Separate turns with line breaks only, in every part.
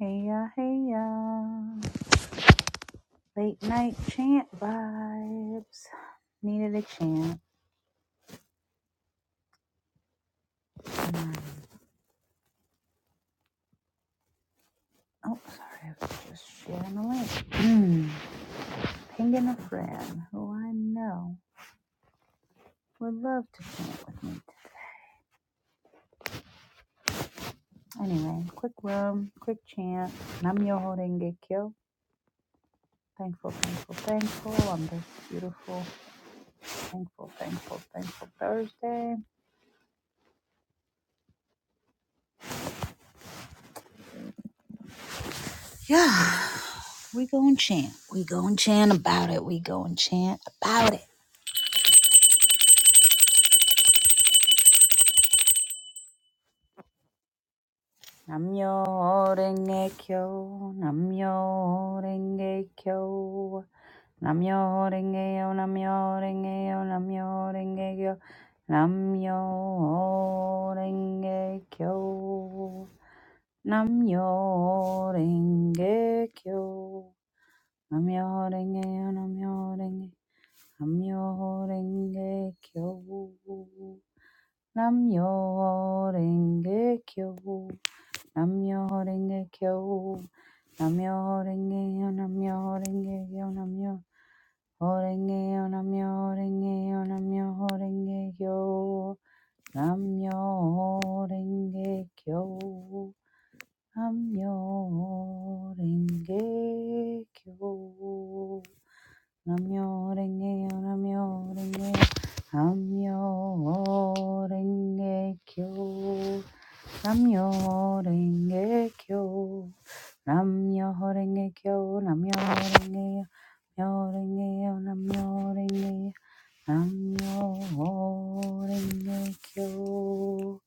Hey ya, hey ya. Late night chant vibes. Needed a chant. Oh, sorry. I was just sharing the link. Hmm, Pinging a friend who I know would love to chant with me. Anyway, quick room, quick chant. Nam Yoho Renge Kyo. Thankful, thankful, thankful on this beautiful, thankful, thankful, thankful Thursday. Yeah, we go and chant. We go and chant about it. We go and chant about it. Namyo renge kyo, namyo renge kyo, namyo renge yo, namyo renge yo, namyo renge kyo, namyo renge kyo, namyo renge kyo, namyo renge yo, namyo renge, namyo renge kyo, namyo renge kyo, namyo renge kyo. Namyo Rengeyo Namyo Rengeyo Namyo Rengeyo Namyo Rengeyo Namyo Rengeyo Namyo Rengeyo Namyo Rengeyo Namyo Rengeyo Namyo Rengeyo Namyo Rengeyo Namyo Rengeyo Namyo Renge Kyo, Namyo Renge Yo, Myoho Renge Yo, Namyo Renge Yo,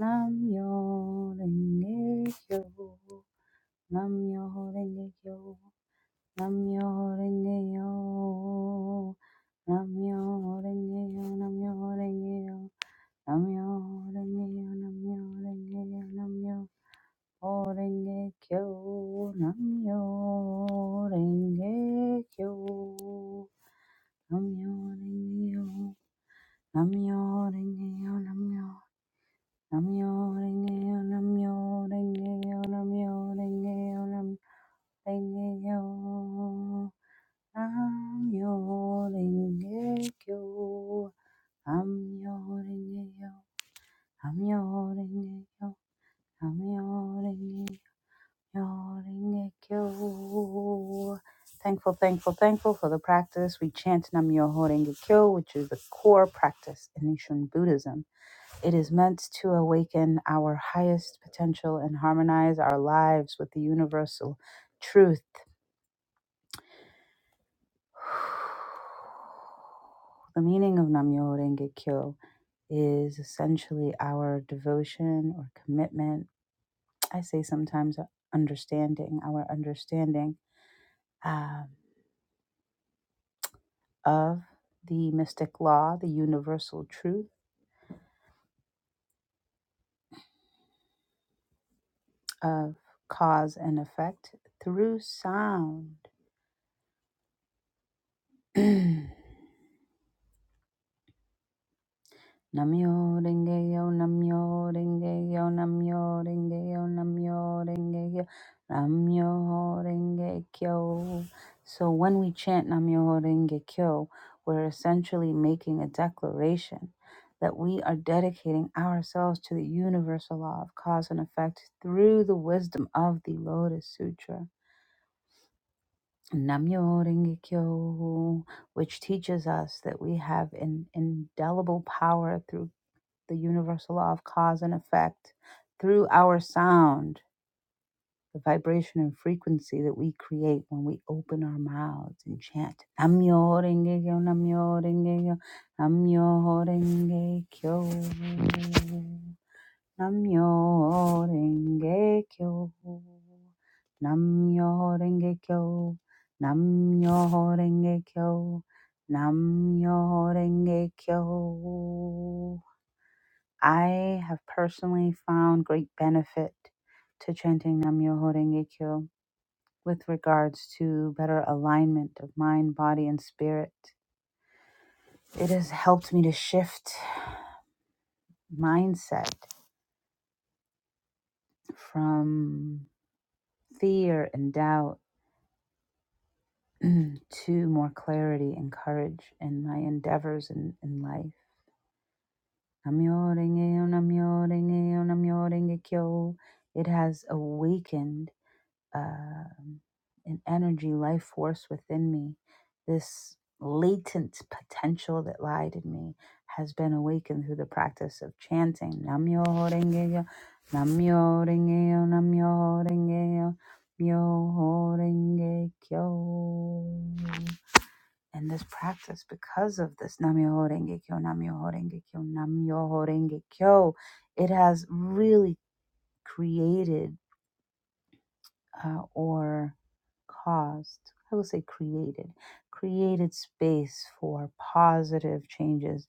Namyo Renge Kyo, Namyo Renge Kyo, Namyo Renge Kyo, Namyo Renge Yo, Namyo Renge Yo, Namyo Renge Yo, Namyo Renge Yo, Namyo Renge Yo, Namyo Renge Kyo Namyo Renge Kyo Namyo Renge Yo Namyo Renge Yo Namyo Namyo Renge Yo Namyo Renge Yo Namyo Renge Yo Namyo Renge Yo Namyo Renge Kyo Namyo Renge Yo Namyo Renge Yo Namyo Renge Yo Myoho-renge-kyo. Thankful, thankful, thankful for the practice. We chant Nam Myoho Renge Kyo, which is the core practice in Nichiren Buddhism. It is meant to awaken our highest potential and harmonize our lives with the universal truth. The meaning of Nam Myoho Renge Kyo is essentially our devotion or commitment. I say sometimes understanding, our understanding Um. of the mystic law, the universal truth of cause and effect through sound. Namyo Rengeyo, Namyo Rengeyo, Namyo Rengeyo, Namyo Rengeyo, Namyo Rengekyo. So when we chant Namyo Rengekyo, we're essentially making a declaration that we are dedicating ourselves to the universal law of cause and effect through the wisdom of the Lotus Sutra. Namyo Rengekyo, which teaches us that we have an indelible power through the universal law of cause and effect through our sound, the vibration and frequency that we create when we open our mouths and chant. Namyo renge kyo, namyo renge kyo, namyo renge kyo. Namyo renge kyo. Namyo renge kyo. Namyo renge kyo. nam renge kyo I have personally found great benefit to chanting Namyoho Renge Kyo with regards to better alignment of mind, body, and spirit. It has helped me to shift mindset from fear and doubt to more clarity and courage in my endeavors in, in life. Namyo Renge Kyo, Namyo Renge Kyo, Namyo Renge Kyo. It has awakened um, an energy, life force within me, this latent potential that lied in me has been awakened through the practice of chanting Namyo Rengeyo, Namyo Rengeyo, Namyo Rengeyo, Myoho Renge Kyo. And this practice, because of this Namyo Renge Kyo, Namyo Renge Kyo, Namyo Renge Kyo, it has really created uh, or caused, I will say created, created space for positive changes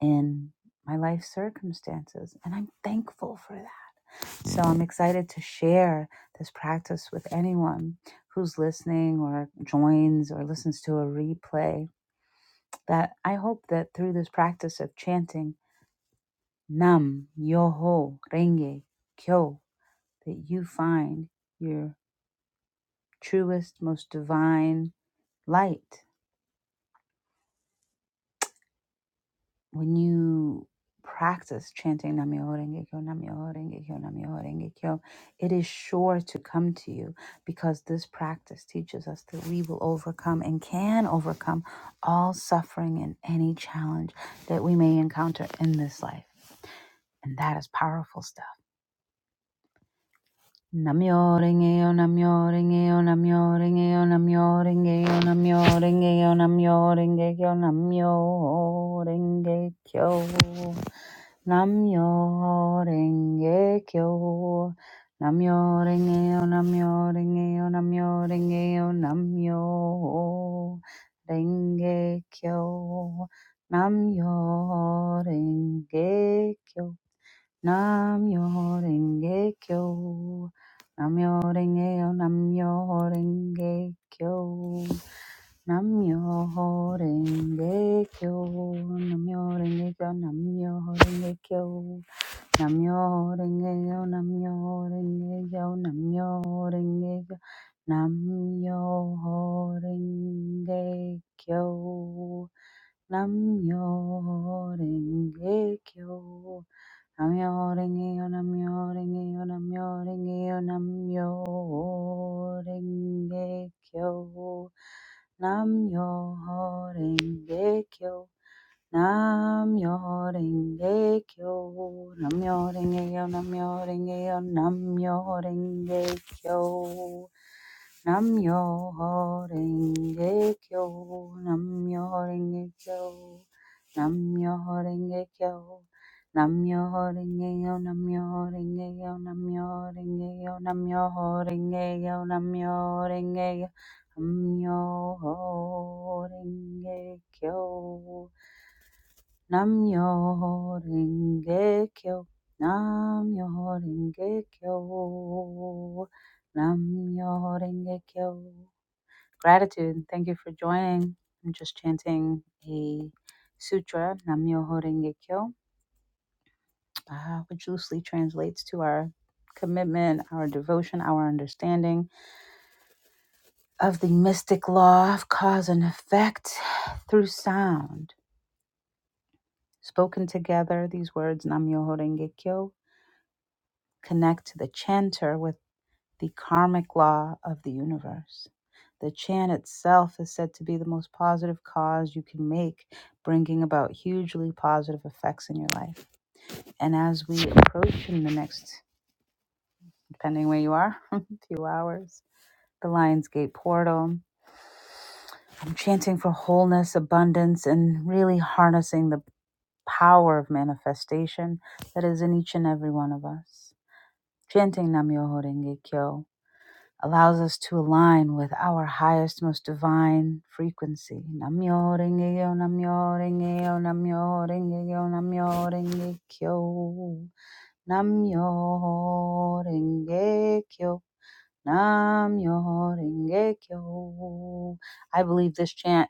in my life circumstances. And I'm thankful for that. So I'm excited to share this practice with anyone who's listening or joins or listens to a replay. That I hope that through this practice of chanting Nam Yoho Renge Kyo, that you find your truest, most divine light when you practice chanting Namyoho Renge Kyo, Namyoho Renge Kyo, Namyoho Renge Kyo. It is sure to come to you because this practice teaches us that we will overcome and can overcome all suffering and any challenge that we may encounter in this life. And that is powerful stuff. Namyo Renge-yo, Namyo Renge-yo, Namyo Renge-yo, Namyo Renge-yo, Namyo Renge-yo, Namyo Renge-kyo, Namyo Renge-kyo. Namyo renge kyo. Namyo renge yo, namyo renge yo, namyo renge yo, namyo renge kyo. Namyo renge kyo. Namyo renge kyo. Namyo renge yo, namyo renge kyo. Namyo renge kyo. Namyo renge kyo, namyo renge kyo. Namyo renge yo, Namyo renge yo, Namyo renge yo, Namyo Rengekyo, Namyo Rengekyo, Namyo renge yo, Namyo Rengeyo, Namyo Rengeyo, Namyo Rengekyo, Namyo Rengekyo. Nam-myoho-renge-kyo, Nam-myoho-renge-kyo, Nam-myoho-renge-kyo, Nam-myoho-renge-kyo, Nam-myoho-renge-kyo, Nam-myoho-renge-kyo, Nam-myoho-renge-kyo, Nam-myoho-renge-kyo, Nam-myoho-renge-kyo, Nam-myoho-renge-kyo, Nam-myoho-renge-kyo, Nam-myoho-renge-kyo, Nam-myoho-renge-kyo. Namyo Renge Kyo. Namyo Renge Kyo. Namyo Renge Kyo. Gratitude. Thank you for joining. I'm just chanting a sutra, Namyo Renge Kyo, uh, which loosely translates to our commitment, our devotion, our understanding of the mystic law of cause and effect through sound. Spoken together, these words, Namyo Renge Kyo, connect to the chanter with the karmic law of the universe. The chant itself is said to be the most positive cause you can make, bringing about hugely positive effects in your life. And as we approach in the next, depending where you are, few hours, the Lions Gate portal, I'm chanting for wholeness, abundance, and really harnessing the power of manifestation that is in each and every one of us. Chanting Namyo Horenge Kyo allows us to align with our highest, most divine frequency. Namyo Renge-yo, Namyo Renge-yo, Namyo Renge-yo, Namyo Renge-kyo. Namyo Renge-kyo, Namyo Renge-kyo. I believe this chant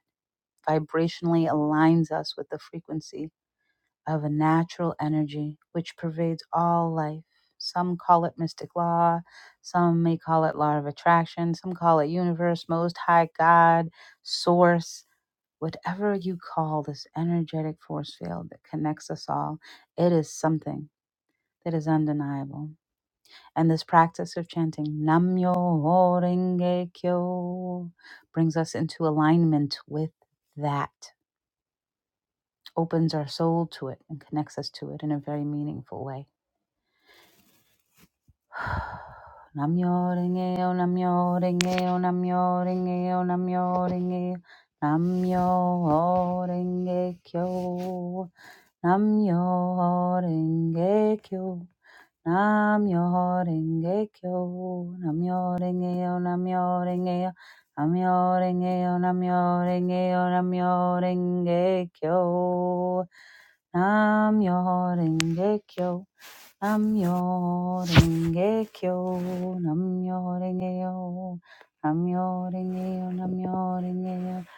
vibrationally aligns us with the frequency of a natural energy which pervades all life. Some call it mystic law, some may call it law of attraction, some call it universe, most high God, source. Whatever you call this energetic force field that connects us all, it is something that is undeniable. And this practice of chanting Nam Myoho Renge Kyo brings us into alignment with that, opens our soul to it, and connects us to it in a very meaningful way. Namyo-renge-yo, namyo-renge-yo, namyo-renge-yo, namyo-renge-yo, namyo-renge-kyo, namyo-renge-kyo, namyo-renge-kyo, namyo-renge-yo, namyo-renge-yo, namyo-renge-yo, namyo-renge-yo, namyo-renge-kyo, namyo-renge-kyo. Namyo Renge Kyo, Namyo Renge Yo, Namyo Renge Yo, Namyo Renge Yo,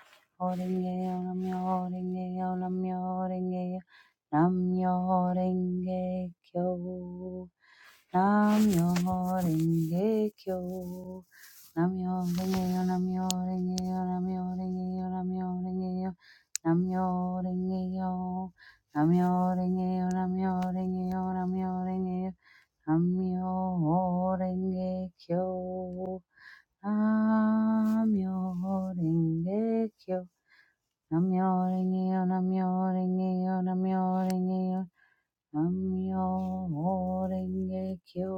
Renge Yo, Namyo Renge Yo, Namyo Renge Yo, Namyo Renge Kyo, Namyo Renge Kyo, Namyo Renge Yo, Namyo Renge Yo, Namyo Renge Yo, Namyo Renge Yo, Namyo Renge Yo, Namyo Renge Yo, Namyo Renge Yo, Namyo Renge Yo, Namyo renge kyo. Namyo renge kyo. Namyo renge yo, namyo renge yo, namyo renge yo. Namyo renge kyo.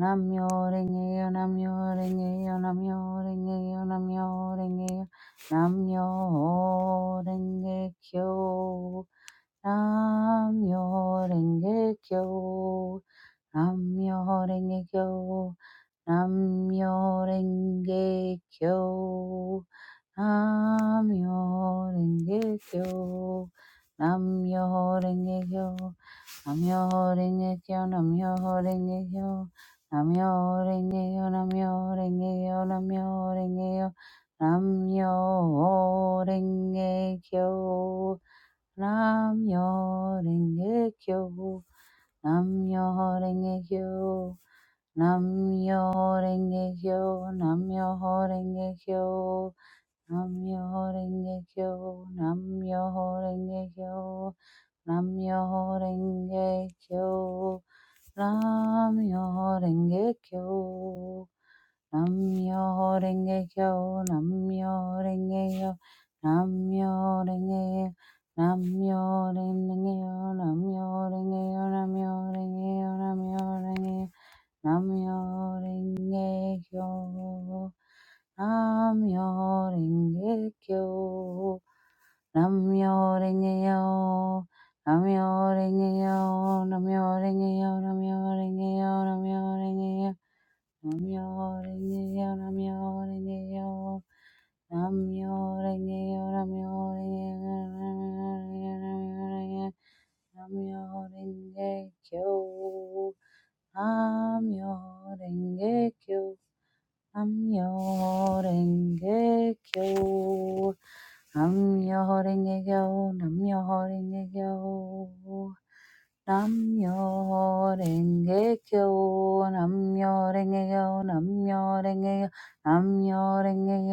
Namyo renge yo, namyo renge yo, namyo renge yo, namyo renge yo. Namyo renge kyo. Namyo renge kyo. Namyo Rengekyo, Namyo Rengekyo, Namyo Rengekyo, Namyo Rengekyo, Namyo Rengekyo, Namyo Rengekyo, Namyo Rengekyo, Namyo Rengekyo, Namyo Rengekyo, Namyo Rengekyo, Namyo Rengekyo, Namyo Rengekyo. Namyo Renge Kyo, Namyo Renge Kyo, Namyo Renge Kyo, Namyo Renge Kyo, Namyo Renge Kyo, Namyo Renge Kyo, Namyo Renge Kyo, Namyo Renge Kyo, Namyo Renge Namyo Renge Kyo, Namyo Renge Kyo, Namyo Renge Kyo, Namyo Renge Kyo, Namyo Renge Kyo. Nam-myoho-renge-kyo. Nam-myoho-renge-yo. Nam-myoho-renge-yo. Nam-myoho-renge-yo. Nam-myoho-renge-yo. Nam-myoho-renge-yo. Nam-myoho-renge-yo. Nam-myoho-renge-yo. Nam-myoho-renge-yo. Nam-myoho-renge-yo. Nam-myoho-renge-yo. Nam-myoho-renge-kyo. Nam-myoho-renge-kyo. I'm your ringgit yo. I'm your ringgit yo. I'm your ringgit yo. I'm your ringgit yo. I'm your ringgit yo. I'm your ringgit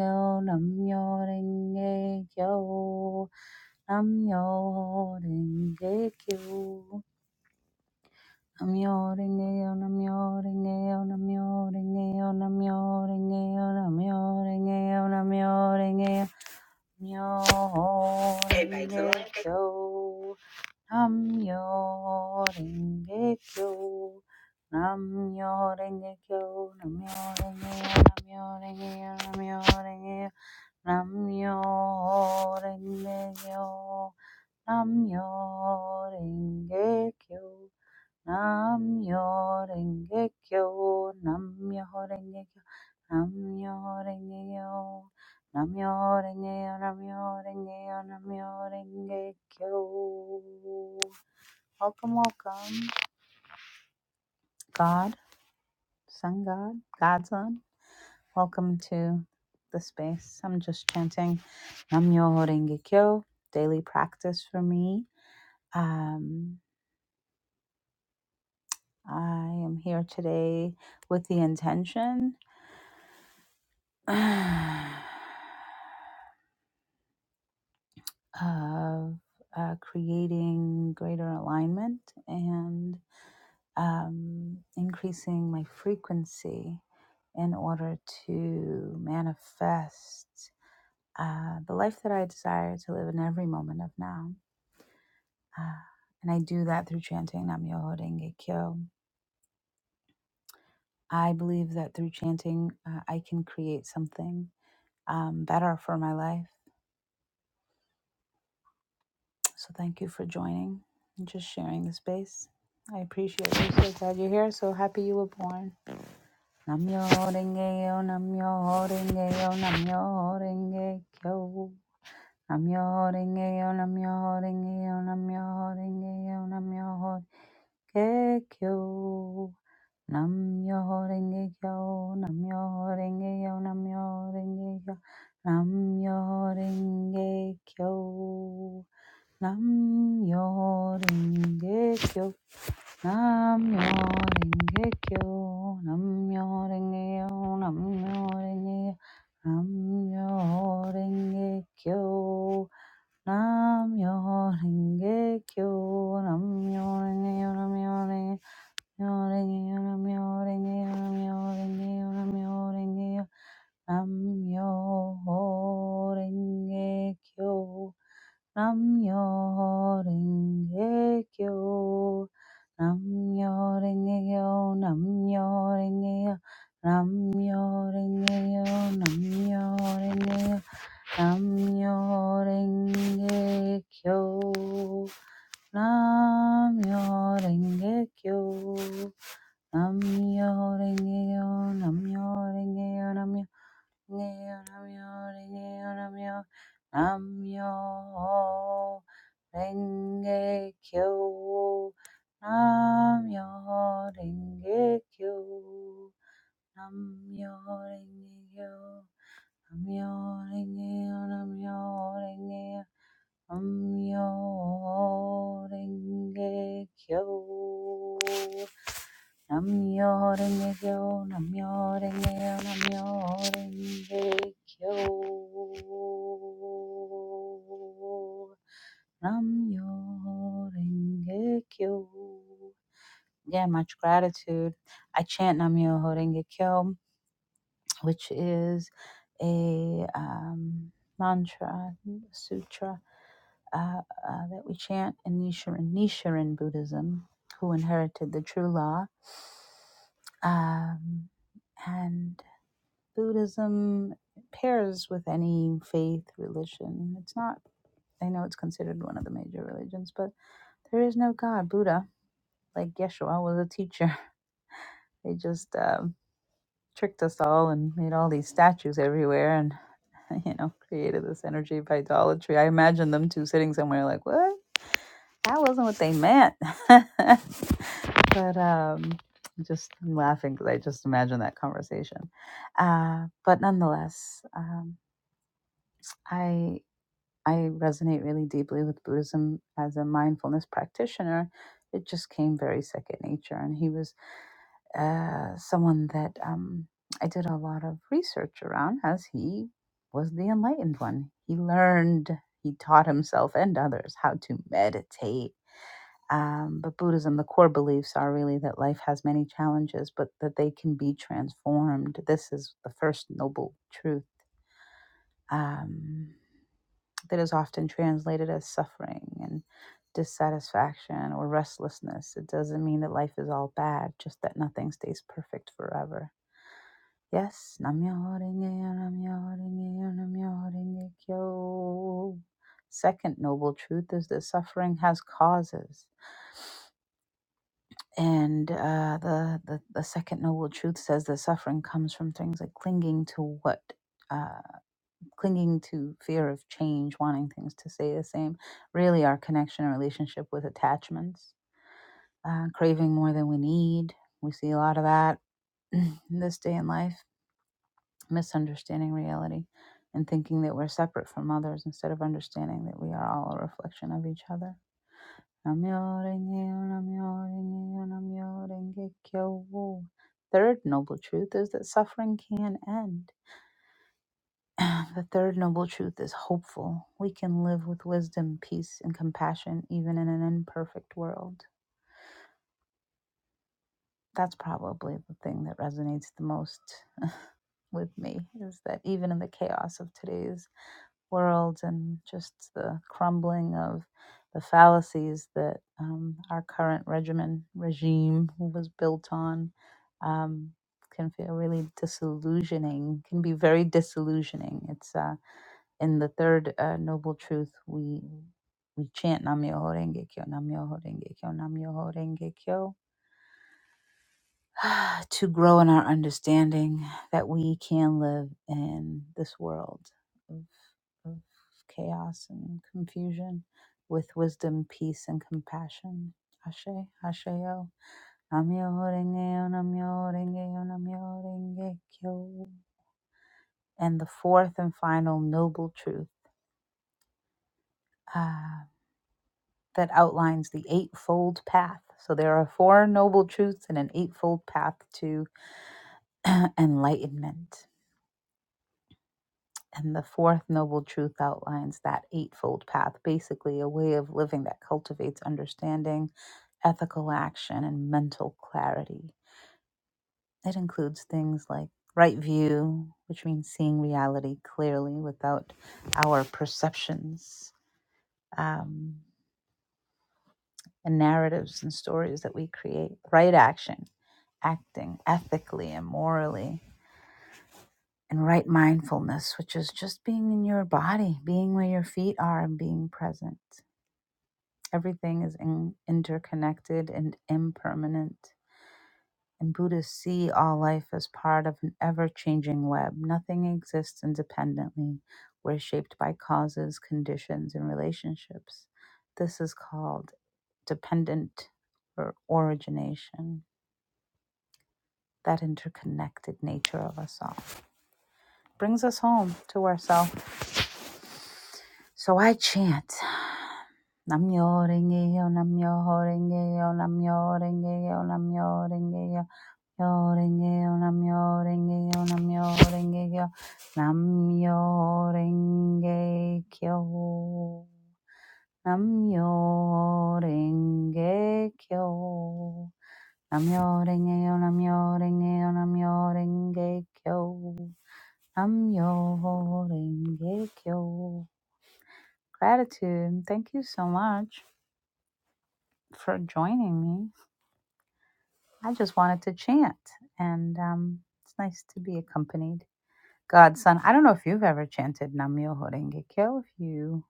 yo. I'm your ringgit yo. Namyo Renge-yo, Namyo Renge-yo, Namyo Renge-yo, Namyo Renge-yo, Namyo Renge-yo, Namyo Renge-yo, Namyo Hey, Basil. Renge-kyo, Namyo Renge-kyo, Namyo Renge-kyo, Namyo Renge-yo, Namyo Renge-yo, Namyo Renge-yo, Namyo Renge-kyo, Namyo Renge-kyo. Namyo Renge Kyo, Namyo Renge Kyo, Namyo Renge Kyo, Namyo Renge Kyo, Namyo Renge Kyo, Namyo Renge Kyo. Welcome, welcome, God, Sun God, Godson. Welcome to the space. I'm just chanting Namyo Renge Kyo, daily practice for me. Um, I am here today with the intention. of uh, creating greater alignment and um, increasing my frequency in order to manifest uh, the life that I desire to live in every moment of now. Uh, and I do that through chanting Nam Myoho Renge Kyo. I believe that through chanting, uh, I can create something um, better for my life. So thank you for joining and just sharing the space. I appreciate you. So glad you're here. So happy you were born. Namyo Rengeyo, Namyo Rengeyo, Namyo Rengekyo. Namyo Rengeyo, Namyo Rengeyo, Namyo Rengeyo, Namyo Rengekyo. Namyo Rengekyo, Namyo Rengeyo, Namyo Rengekyo, Namyo Rengekyo. Namyo ringe kyo. Namyo ringe kyo. Namyo ringe yo. Namyo ringe. Namyo ringe kyo. Namyo ringe kyo. Namyo ringe yo. Namyo ringe. Namyo ringe yo. Namyo ringe yo. Namyo ringe yo. Namyo ringe yo. Namyo ringe kyo. Namyo Renge Kyo. Namyo Renge Kyo. Namyo Renge Kyo. Namyo Renge Kyo. Namyo Renge Kyo. Namyo Renge Kyo. Namyo Renge Kyo. Namyo Renge Kyo. Namyo Renge Kyo. Namyo Renge Kyo. Namyo Renge Kyo. Namyo Renge Namyo Renge Kyo. Namyo Renge Kyo. Namyo Renge Kyo. Namyo Renge Kyo. Namyo Renge Namyo Renge Kyo. Namyo Renge Kyo. Namyo Renge Kyo. Namyo Renge Kyo. Namyo Renge Kyo. Again, much gratitude. I chant Namyo Renge Kyo which is a um, mantra sutra uh, uh, that we chant in Nichiren, Nichiren Buddhism, who inherited the true law. Um, and Buddhism pairs with any faith, religion. It's not, I know it's considered one of the major religions, but there is no God. Buddha, like Yeshua, was a teacher. They just um, tricked us all and made all these statues everywhere and you know created this energy of idolatry i imagine them two sitting somewhere like what that wasn't what they meant but um just I'm laughing because i just imagine that conversation uh, but nonetheless um, i i resonate really deeply with buddhism as a mindfulness practitioner it just came very second nature and he was uh, someone that um, I did a lot of research around, as he was the enlightened one. He learned, he taught himself and others how to meditate. Um, but Buddhism, the core beliefs are really that life has many challenges, but that they can be transformed. This is the first noble truth um, that is often translated as suffering and dissatisfaction or restlessness. It doesn't mean that life is all bad, just that nothing stays perfect forever Yes, Namyo Renge-yo, Namyo Renge-yo, Namyo Renge-kyo. Second noble truth is that suffering has causes. And uh, the, the, the second noble truth says that suffering comes from things like clinging to what, uh, clinging to fear of change, wanting things to stay the same. Really, our connection and relationship with attachments, uh, craving more than we need. We see a lot of that in this day in life misunderstanding reality and thinking that we're separate from others instead of understanding that we are all a reflection of each other. Third noble truth is that suffering can end. The third noble truth is hopeful. We can live with wisdom, peace, and compassion even in an imperfect world. That's probably the thing that resonates the most with me is that even in the chaos of today's world and just the crumbling of the fallacies that um, our current regimen regime was built on um, can feel really disillusioning can be very disillusioning it's uh, in the third uh, noble truth we we chant namyo renge kyo namyo renge kyo namyo renge kyo to grow in our understanding that we can live in this world of, of chaos and confusion with wisdom, peace, and compassion. Ashe, Asheo, Namyo Renge, Namyo Renge, Namyo Renge Kyo. And the fourth and final noble truth ah, that outlines the eightfold path. So there are four noble truths and an eightfold path to enlightenment. And the fourth noble truth outlines that eightfold path, basically a way of living that cultivates understanding, ethical action, and mental clarity. It includes things like right view, which means seeing reality clearly without our perceptions um, and narratives and stories that we create, right action, acting ethically and morally, and right mindfulness, which is just being in your body, being where your feet are, and being present. Everything is in, interconnected and impermanent. And Buddhists see all life as part of an ever changing web. Nothing exists independently. We're shaped by causes, conditions, and relationships. This is called dependent or origination, that interconnected nature of us all. Brings us home to ourselves. So I chant Namyo Renge Yo, Namyo Renge Yo, Namyo Renge Yo, Namyo Renge Yo. Yo-ring-ge-yo, nam-yo-ring-ge-yo, nam-yo-ring-ge-yo, nam-yo-ring-ge-kyo. Nam-yo-ring-ge-kyo. Nam-yo-ring-ge-yo, nam-yo-ring-ge-yo, nam-yo-ring-ge-kyo. Nam-yo-ring-ge-kyo. Gratitude. Thank you so much for joining me. I just wanted to chant, and um, it's nice to be accompanied. Godson, I don't know if you've ever chanted Namyo Horenge Kyo. If you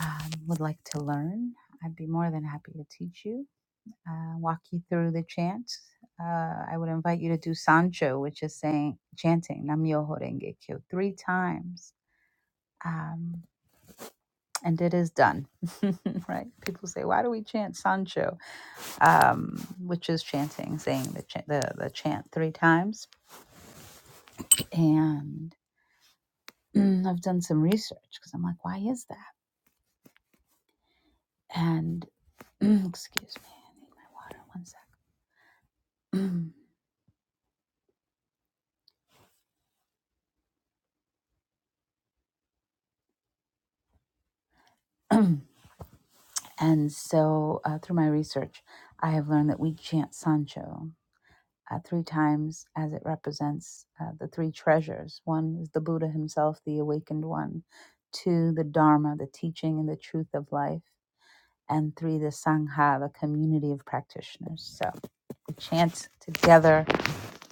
um, would like to learn, I'd be more than happy to teach you, uh, walk you through the chant. Uh, I would invite you to do Sancho, which is saying chanting Namyo Horenge Kyo three times. Um, and it is done, right? People say, "Why do we chant Sancho?" Um, which is chanting, saying the, ch- the the chant three times. And I've done some research because I'm like, "Why is that?" and Excuse me, I need my water. One sec. and so, uh, through my research, I have learned that we chant Sancho uh, three times as it represents uh, the three treasures. One is the Buddha himself, the awakened one. Two, the Dharma, the teaching and the truth of life. And three, the Sangha, the community of practitioners. So. We chant together.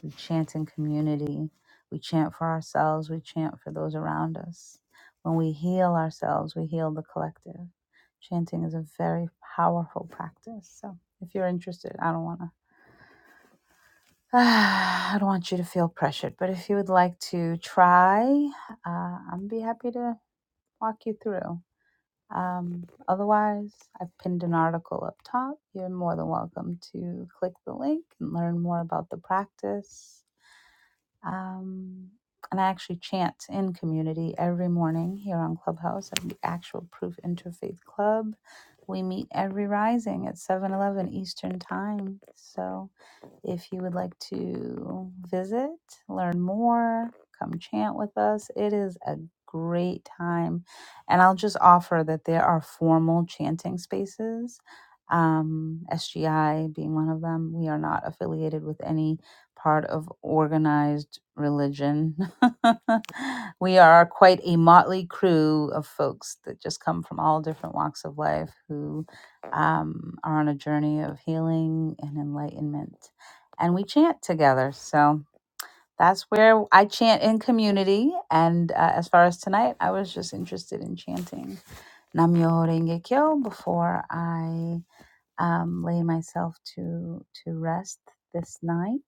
We chant in community. We chant for ourselves. We chant for those around us. When we heal ourselves, we heal the collective. Chanting is a very powerful practice. So if you're interested, I don't want to. I don't want you to feel pressured, but if you would like to try, uh, I'd be happy to walk you through. Um, otherwise, I've pinned an article up top. You're more than welcome to click the link and learn more about the practice. Um, and I actually chant in community every morning here on Clubhouse at the Actual Proof Interfaith Club. We meet every rising at seven eleven Eastern Time. So. If you would like to visit, learn more, come chant with us, it is a great time. And I'll just offer that there are formal chanting spaces, um, SGI being one of them. We are not affiliated with any part of organized religion. we are quite a motley crew of folks that just come from all different walks of life who um, are on a journey of healing and enlightenment and we chant together. So that's where I chant in community. And uh, as far as tonight, I was just interested in chanting Namyo Renge Kyo before I um, lay myself to to rest this night.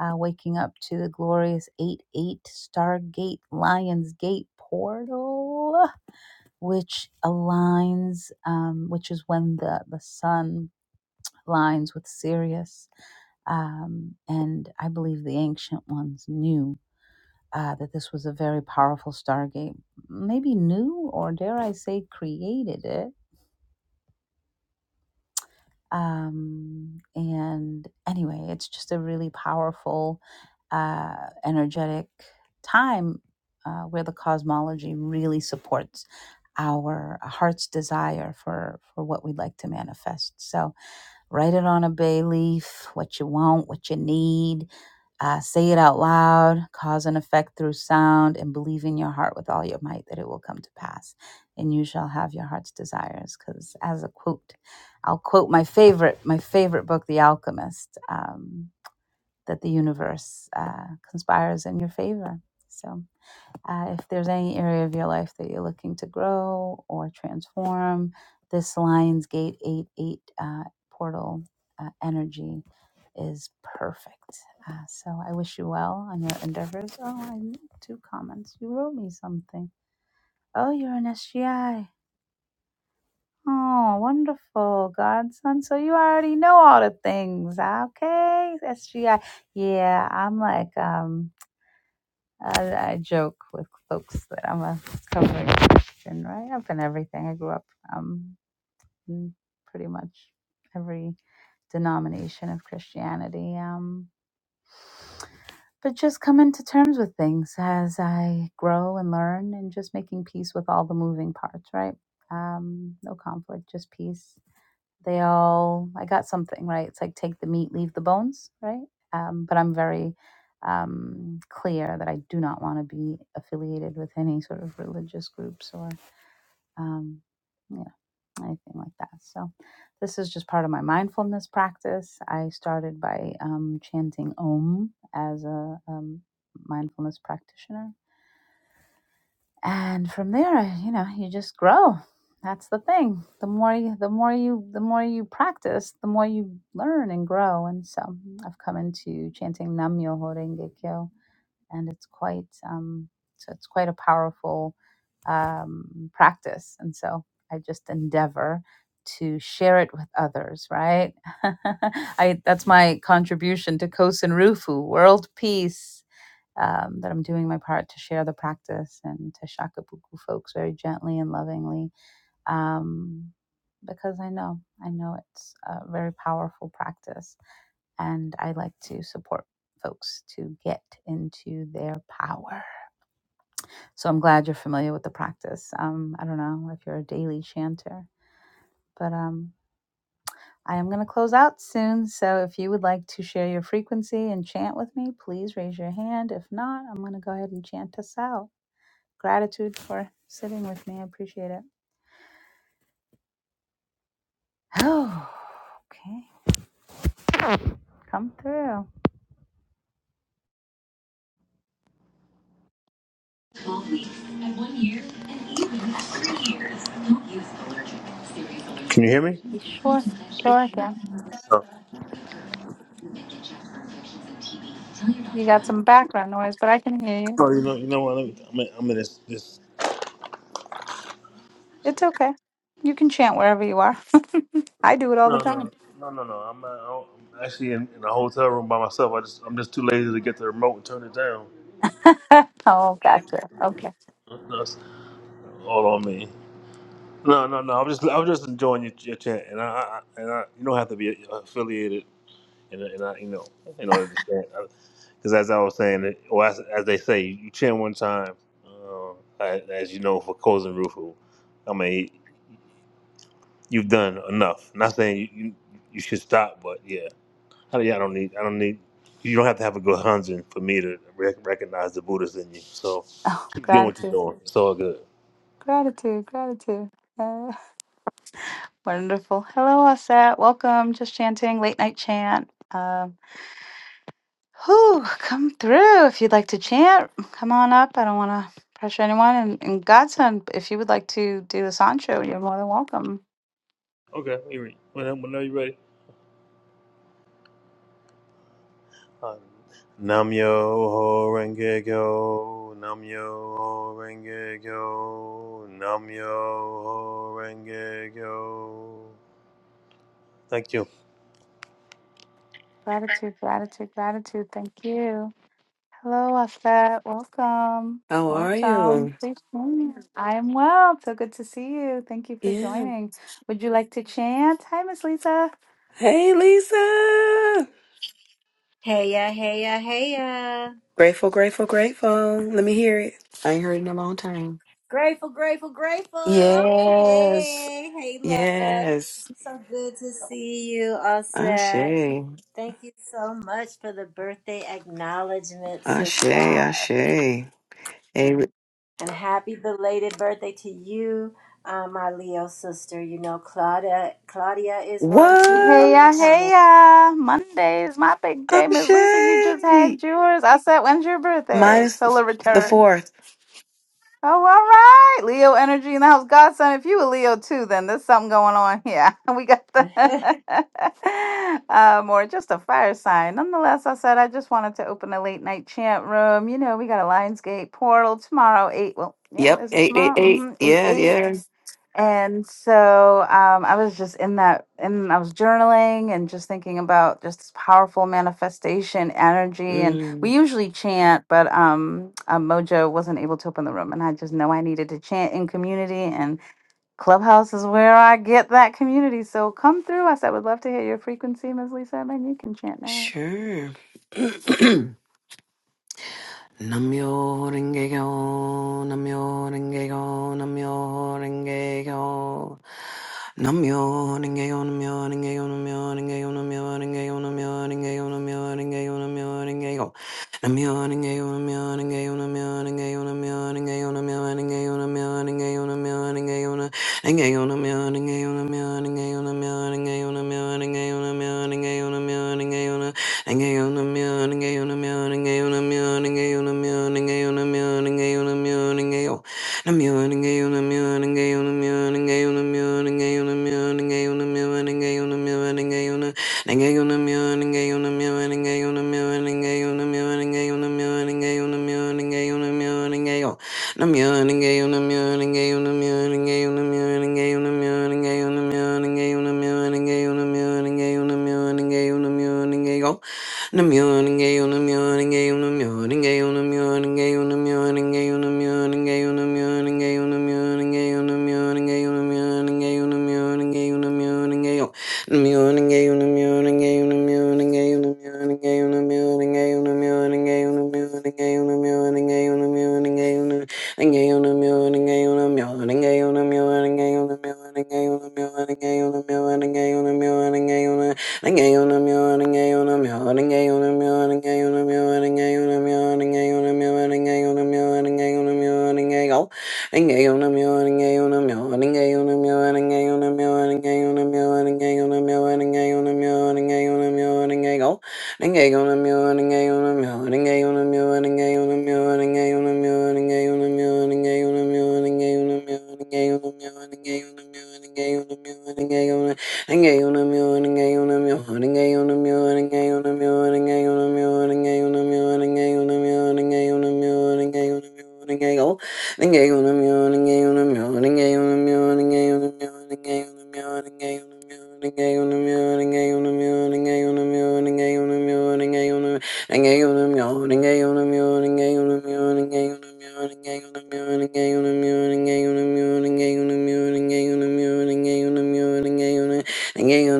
Uh, waking up to the glorious 8 8 Stargate Lion's Gate portal, which aligns, um, which is when the, the sun aligns with Sirius um, and I believe the ancient ones knew uh, that this was a very powerful stargate. Maybe knew, or dare I say, created it. Um, and anyway, it's just a really powerful, uh, energetic time uh, where the cosmology really supports our heart's desire for for what we'd like to manifest. So Write it on a bay leaf, what you want, what you need. Uh, say it out loud, cause and effect through sound, and believe in your heart with all your might that it will come to pass, and you shall have your heart's desires. Because, as a quote, I'll quote my favorite, my favorite book, The Alchemist, um, that the universe uh, conspires in your favor. So, uh, if there's any area of your life that you're looking to grow or transform, this Lionsgate eight eight uh, portal uh, energy is perfect. Uh, so I wish you well on your endeavors. Oh, I need two comments. You wrote me something. Oh, you're an SGI. Oh, wonderful, godson. So you already know all the things. Okay, SGI. Yeah, I'm like, um, I, I joke with folks that I'm a recovering Christian, right? I've been everything. I grew up um, in pretty much every denomination of Christianity. Um, but just coming to terms with things as I grow and learn and just making peace with all the moving parts, right? Um, no conflict, just peace they all, I got something, right? It's like take the meat, leave the bones, right? Um, but I'm very um, clear that I do not want to be affiliated with any sort of religious groups or, um, yeah, anything like that. So this is just part of my mindfulness practice. I started by um, chanting Om as a um, mindfulness practitioner and from there you know you just grow that's the thing the more you the more you the more you practice the more you learn and grow and so i've come into chanting nam myoho renge kyo and it's quite um so it's quite a powerful um practice and so i just endeavor to share it with others right i that's my contribution to kosen rufu world peace um, that I'm doing my part to share the practice and to Shakabuku folks very gently and lovingly um, because I know, I know it's a very powerful practice and I like to support folks to get into their power. So I'm glad you're familiar with the practice. Um, I don't know if you're a daily chanter, but um, I am going to close out soon. So if you would like to share your frequency and chant with me, please raise your hand. If not, I'm going to go ahead and chant us out. Gratitude for sitting with me. I appreciate it. Oh, okay. Come through.
twelve weeks and one year and even three years. Don't use allergic. Serious allergic. Can you hear me?
You sure?
Increased
Sure, again.
infections. Oh,
You got some background noise, but I can hear you.
oh you know, you know what? Let me, I'm, in, I'm in this, this.
It's okay. You can chant wherever you are. I do it all the
No, no,
time.
no, no, no. I'm, uh, I'm actually in, in a hotel room by myself. I just, I'm just too lazy to get the remote and turn it down.
oh, gotcha. Okay.
That's all on me. No, no, no. I'm just, I'm just enjoying your, your chat, and I, I, and I, you don't have to be affiliated. and, and I, you know, you know, I don't understand. Because as I was saying, or as, as they say, you chant one time, uh, as, as you know, for Cousin Rufu. I mean, you've done enough. Not saying you, you, you should stop, but yeah, I, yeah, I don't need, I don't need. You don't have to have a good Hanzen for me to rec- recognize the Buddha's in you. So
Oh,
keep doing what you're
gratitude.
doing. It's all good.
Gratitude. Gratitude. Uh, wonderful. Hello, Asset. Welcome. Just chanting, late night chant. Uh, Whew, come through if you'd like to chant. Come on up. I don't want to pressure anyone. And, and Godson, if you would like to do a Sancho, you're more than welcome.
Okay, you ready? Whenever whenever you're ready. Namyo Renge Kyo, Namyo Renge Kyo, Namyo Renge Kyo. Thank you.
Gratitude, gratitude, gratitude. Thank you. Hello, Afet. Welcome.
How are
Welcome.
you?
Please join us. I am well. So good to see you. Thank you for
Yeah.
joining. Would you like to chant? Hi, Miss Lisa.
Hey, Lisa.
Heya, heya, heya.
Grateful, grateful, grateful. Let me hear it. I ain't heard it in a long time.
Grateful, grateful, grateful.
Yes.
Hey, hey, love.
Yes.
So good to see you, all set.
Ashe.
Thank you so much for the birthday acknowledgement,
Ashe. Ashe.
sister.
Hey,
And happy belated birthday to you, uh, my Leo sister. You know, Claudia, Claudia is one too,
Hey
up and
ya,
what?
hey
coming.
ya. Monday is my big day. Miss Lisa, you just
Ashe.
had yours. I said, when's your birthday?
Minus
Solar
the
return.
fourth.
Oh, all right. Leo energy in the house. Godson, if you a Leo too, then there's something going on here. We got the uh more just a fire sign. Nonetheless, I said I just wanted to open a late night chant room. You know, we got a Lionsgate portal tomorrow, eight. Well, yep,
Yep.
is it
Eight, eight,
tomorrow?
eight.
Mm-hmm. Eight
Yeah,
eight.
yeah.
And so um, I was just in that, and I was journaling and just thinking about just this powerful manifestation energy. And
Mm,
we usually chant, but um, uh, Mojo wasn't able to open the room. And I just know I needed to chant in community, and Clubhouse is where I get that community. So come through us. I would love to hear your frequency, Ms. Lisa, and then you can chant next.
sure. Namyo Renge Kyo, Namyo Renge Kyo, Namyo Renge Kyo. Namyo Namyo Namyo Ring Thank you. Thank you.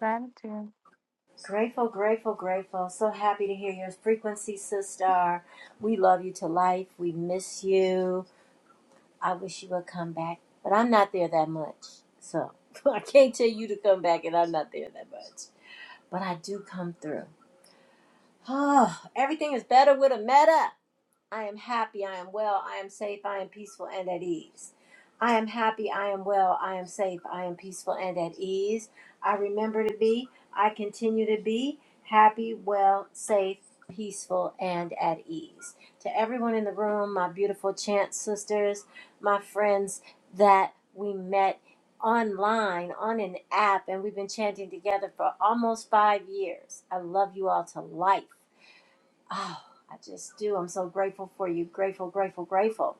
Gratitude.
grateful, grateful, grateful. So happy to hear your frequency, sister. We love you to life. We miss you. I wish you would come back, but I'm not there that much. So I can't tell you to come back, and I'm not there that much. But I do come through. Oh, everything is better with a meta. I am happy, I am well, I am safe, I am peaceful and at ease. I am happy, I am well, I am safe, I am peaceful and at ease. I remember to be, I continue to be happy, well, safe, peaceful, and at ease. To everyone in the room, my beautiful chant sisters, my friends that we met online on an app and we've been chanting together for almost five years. I love you all to life. Oh, I just do. I'm so grateful for you. Grateful, grateful, grateful.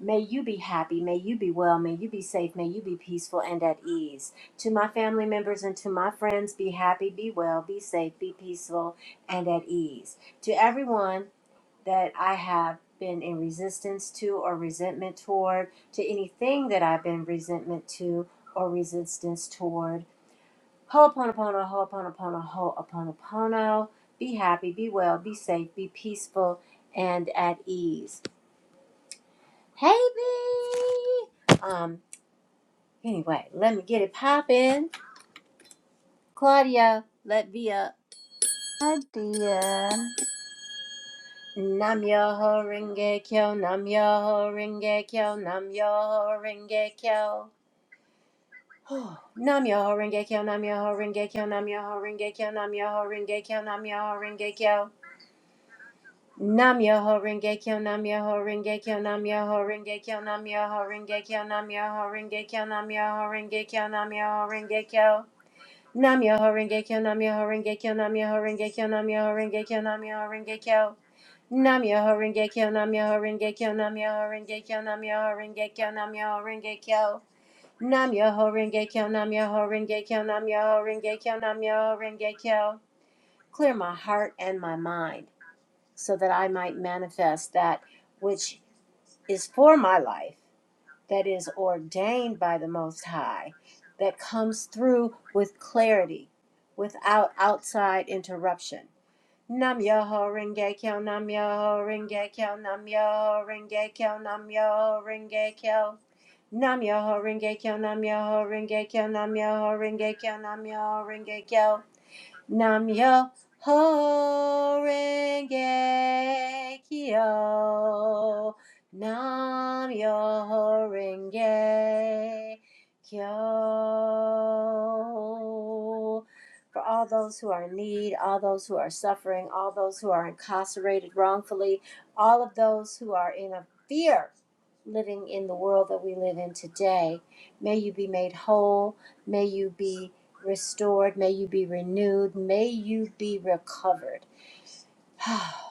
May you be happy. May you be well. May you be safe. May you be peaceful and at ease. To my family members and to my friends, be happy, be well, be safe, be peaceful, and at ease. To everyone that I have been in resistance to or resentment toward, to anything that I've been resentment to or resistance toward, Ho'oponopono, ho'oponopono, ho'oponopono. Be happy, be well, be safe, be peaceful, and at ease. Hey, B! Um, anyway, let me get it poppin'. Claudia, let be up.
Hi, Dion.
Nam Yoho Renge Kyo, Nam Yoho Renge Kyo, Nam Yoho Renge Kyo. Nam Yoho Renge Kyo, Nam Yoho Renge Kyo, Nam Yoho Renge Kyo, Nam Yoho Renge Kyo, Nam Yoho Renge Kyo. Nam Yoho Rengekyo Nam Yoho Rengekyo Nam Yoho Rengekyo Nam Yoho Rengekyo Nam Yoho Rengekyo Nam Yoho Rengekyo Nam Yoho Rengekyo Nam Yoho Rengekyo Nam Yoho Rengekyo Nam Yoho Rengekyo Nam Yoho Rengekyo Nam Yoho Rengekyo Nam Yoho Rengekyo Nam Yoho Rengekyo Nam Yoho Rengekyo Nam Yoho Rengekyo Nam Yoho Rengekyo Nam Yoho Rengekyo Nam Yoho Rengekyo Nam Yoho Rengekyo Nam Yoho Rengekyo Clear my heart and my mind so that I might manifest that which is for my life, that is ordained by the Most High, that comes through with clarity, without outside interruption. Nam Yoho Renge Kyo, Nam Yoho Renge Kyo, Nam Yoho Renge Kyo, Nam Yoho Renge Kyo. Nam Yoho Renge Kyo, Nam Yoho Renge Kyo, Nam Yoho Renge Kyo, Nam Yoho Renge Kyo. Nam yo ho renge kyo. Nam yo ho renge kyo. For all those who are in need, all those who are suffering, all those who are incarcerated wrongfully, all of those who are in a fear living in the world that we live in today. May you be made whole. May you be restored. May you be renewed. May you be recovered.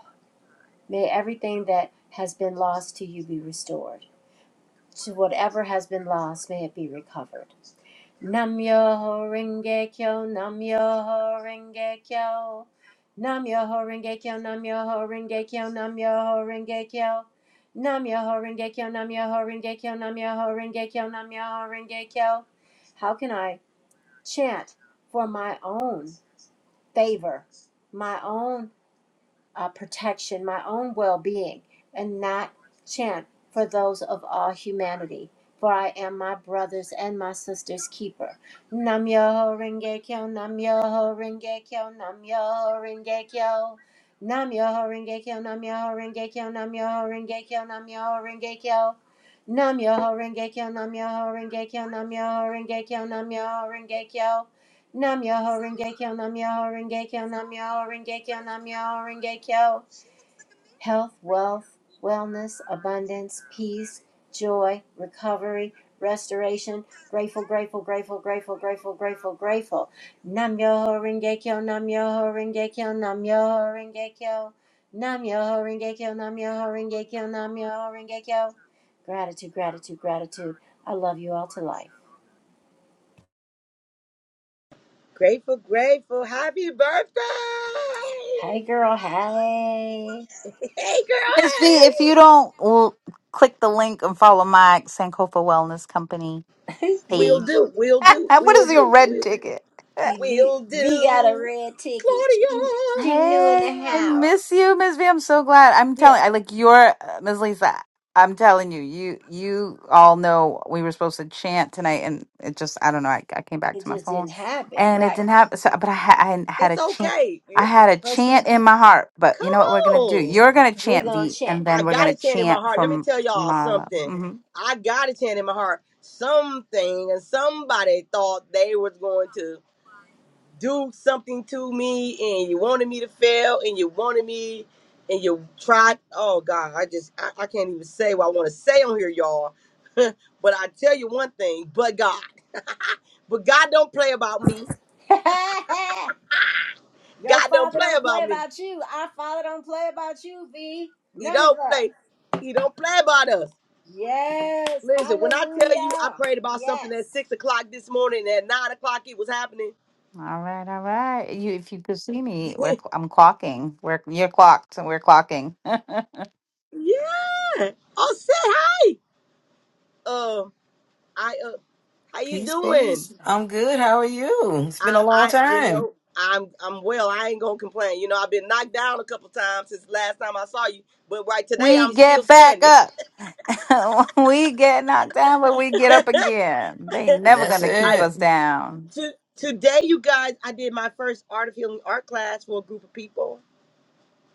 May everything that has been lost to you be restored to whatever has been lost, may it be recovered. Namyo Renge Kyo, Namyo Renge Kyo. Namyo Renge Kyo, Namyo Renge Kyo, Namyo Renge Kyo. Namyo Renge Kyo, Namyo Renge Kyo, Namyo Renge Kyo, Namyo Renge Kyo. How can I chant for my own favor, my own? uh, protection, my own well being, and not chant for those of all humanity. For I am my brother's and my sister's keeper. Nam yo renge kyo, nam yo renge kyo, nam yo renge kyo. Nam yo renge kyo, nam yo renge kyo, nam yo renge kyo, nam yo renge kyo. Nam yo renge kyo, nam yo renge kyo, nam yo renge kyo, nam yo renge kyo. Nam Yoho Rengekyo, Nam Yoho Rengekyo, Nam Yoho Rengekyo, Nam Yoho Rengekyo. Health, wealth, wellness, abundance, peace, joy, recovery, restoration. Grateful, grateful, grateful, grateful, grateful, grateful, grateful. Nam Yoho Rengekyo, Nam Yoho Rengekyo, Nam Yoho Rengekyo. Nam Yoho Rengekyo, Nam Yoho Rengekyo, Nam Yoho Rengekyo. Gratitude, gratitude, gratitude. I love you all to life.
Grateful, grateful. Happy birthday!
Hey girl, hey.
Hey, girl,
Miss V, if you
hey!
don't well, click the link and follow my Sankofa Wellness Company
We'll
page
do, we'll do,
what
we'll
is your
do,
red
we'll,
ticket?
V
we'll
V got a
do.
red ticket. She
Claudia,
she knew in the
Hey, I miss
house.
you, Miss V. I'm so glad. I'm
Yeah,
telling I like your uh, Ms. Lisa. I'm telling you, you you all know we were supposed to chant tonight, and it just I don't know. I, I came back
it
to my
just
phone,
didn't happen,
and it
right?
didn't happen. So, but I, ha- I hadn't had
it's
a chant.
okay.
I
Yeah,
had a
But you know,
chant in my heart. But
Come
you know what we're gonna do?
on.
You're gonna
we
chant
gonna
V,
chant.
and
I
then we're
got a
gonna
chant in my
chant
heart. Let me
from
tell y'all
Marla.
something.
Mhm.
I got a chant in my heart. Something and somebody thought they was going to. do something to me and you wanted me to fail and you wanted me and you tried oh god i just i, I can't even say what i want to say on here y'all but i tell you one thing but god but god don't play about me
Your
god don't
father
play
don't
about
play
me
about you. Our father don't play about you, V.
he
None of
don't
us.
play he don't play about us
Yes,
listen when i tell you i
hallelujah.
prayed about
Yes.
something at six o'clock this morning and at nine o'clock it was happening
All right, all right. You, if you could see me, we're, cl- I'm clocking. We're you're clocked, and we're clocking.
yeah Oh, say hi um i uh how you
Peace,
doing
peace. I'm good. How are you? It's been
I,
a long
I, you
time.
know, I'm, I'm well. I ain't gonna complain. You know, I've been knocked down a couple times since last time I saw you, but right today I'm
We
still
get back
standing.
up. we get knocked down, but we get up again. They never
That's
gonna keep
I
it.
us down.
to, today, you guys, I did my first art of healing art class for a group of people.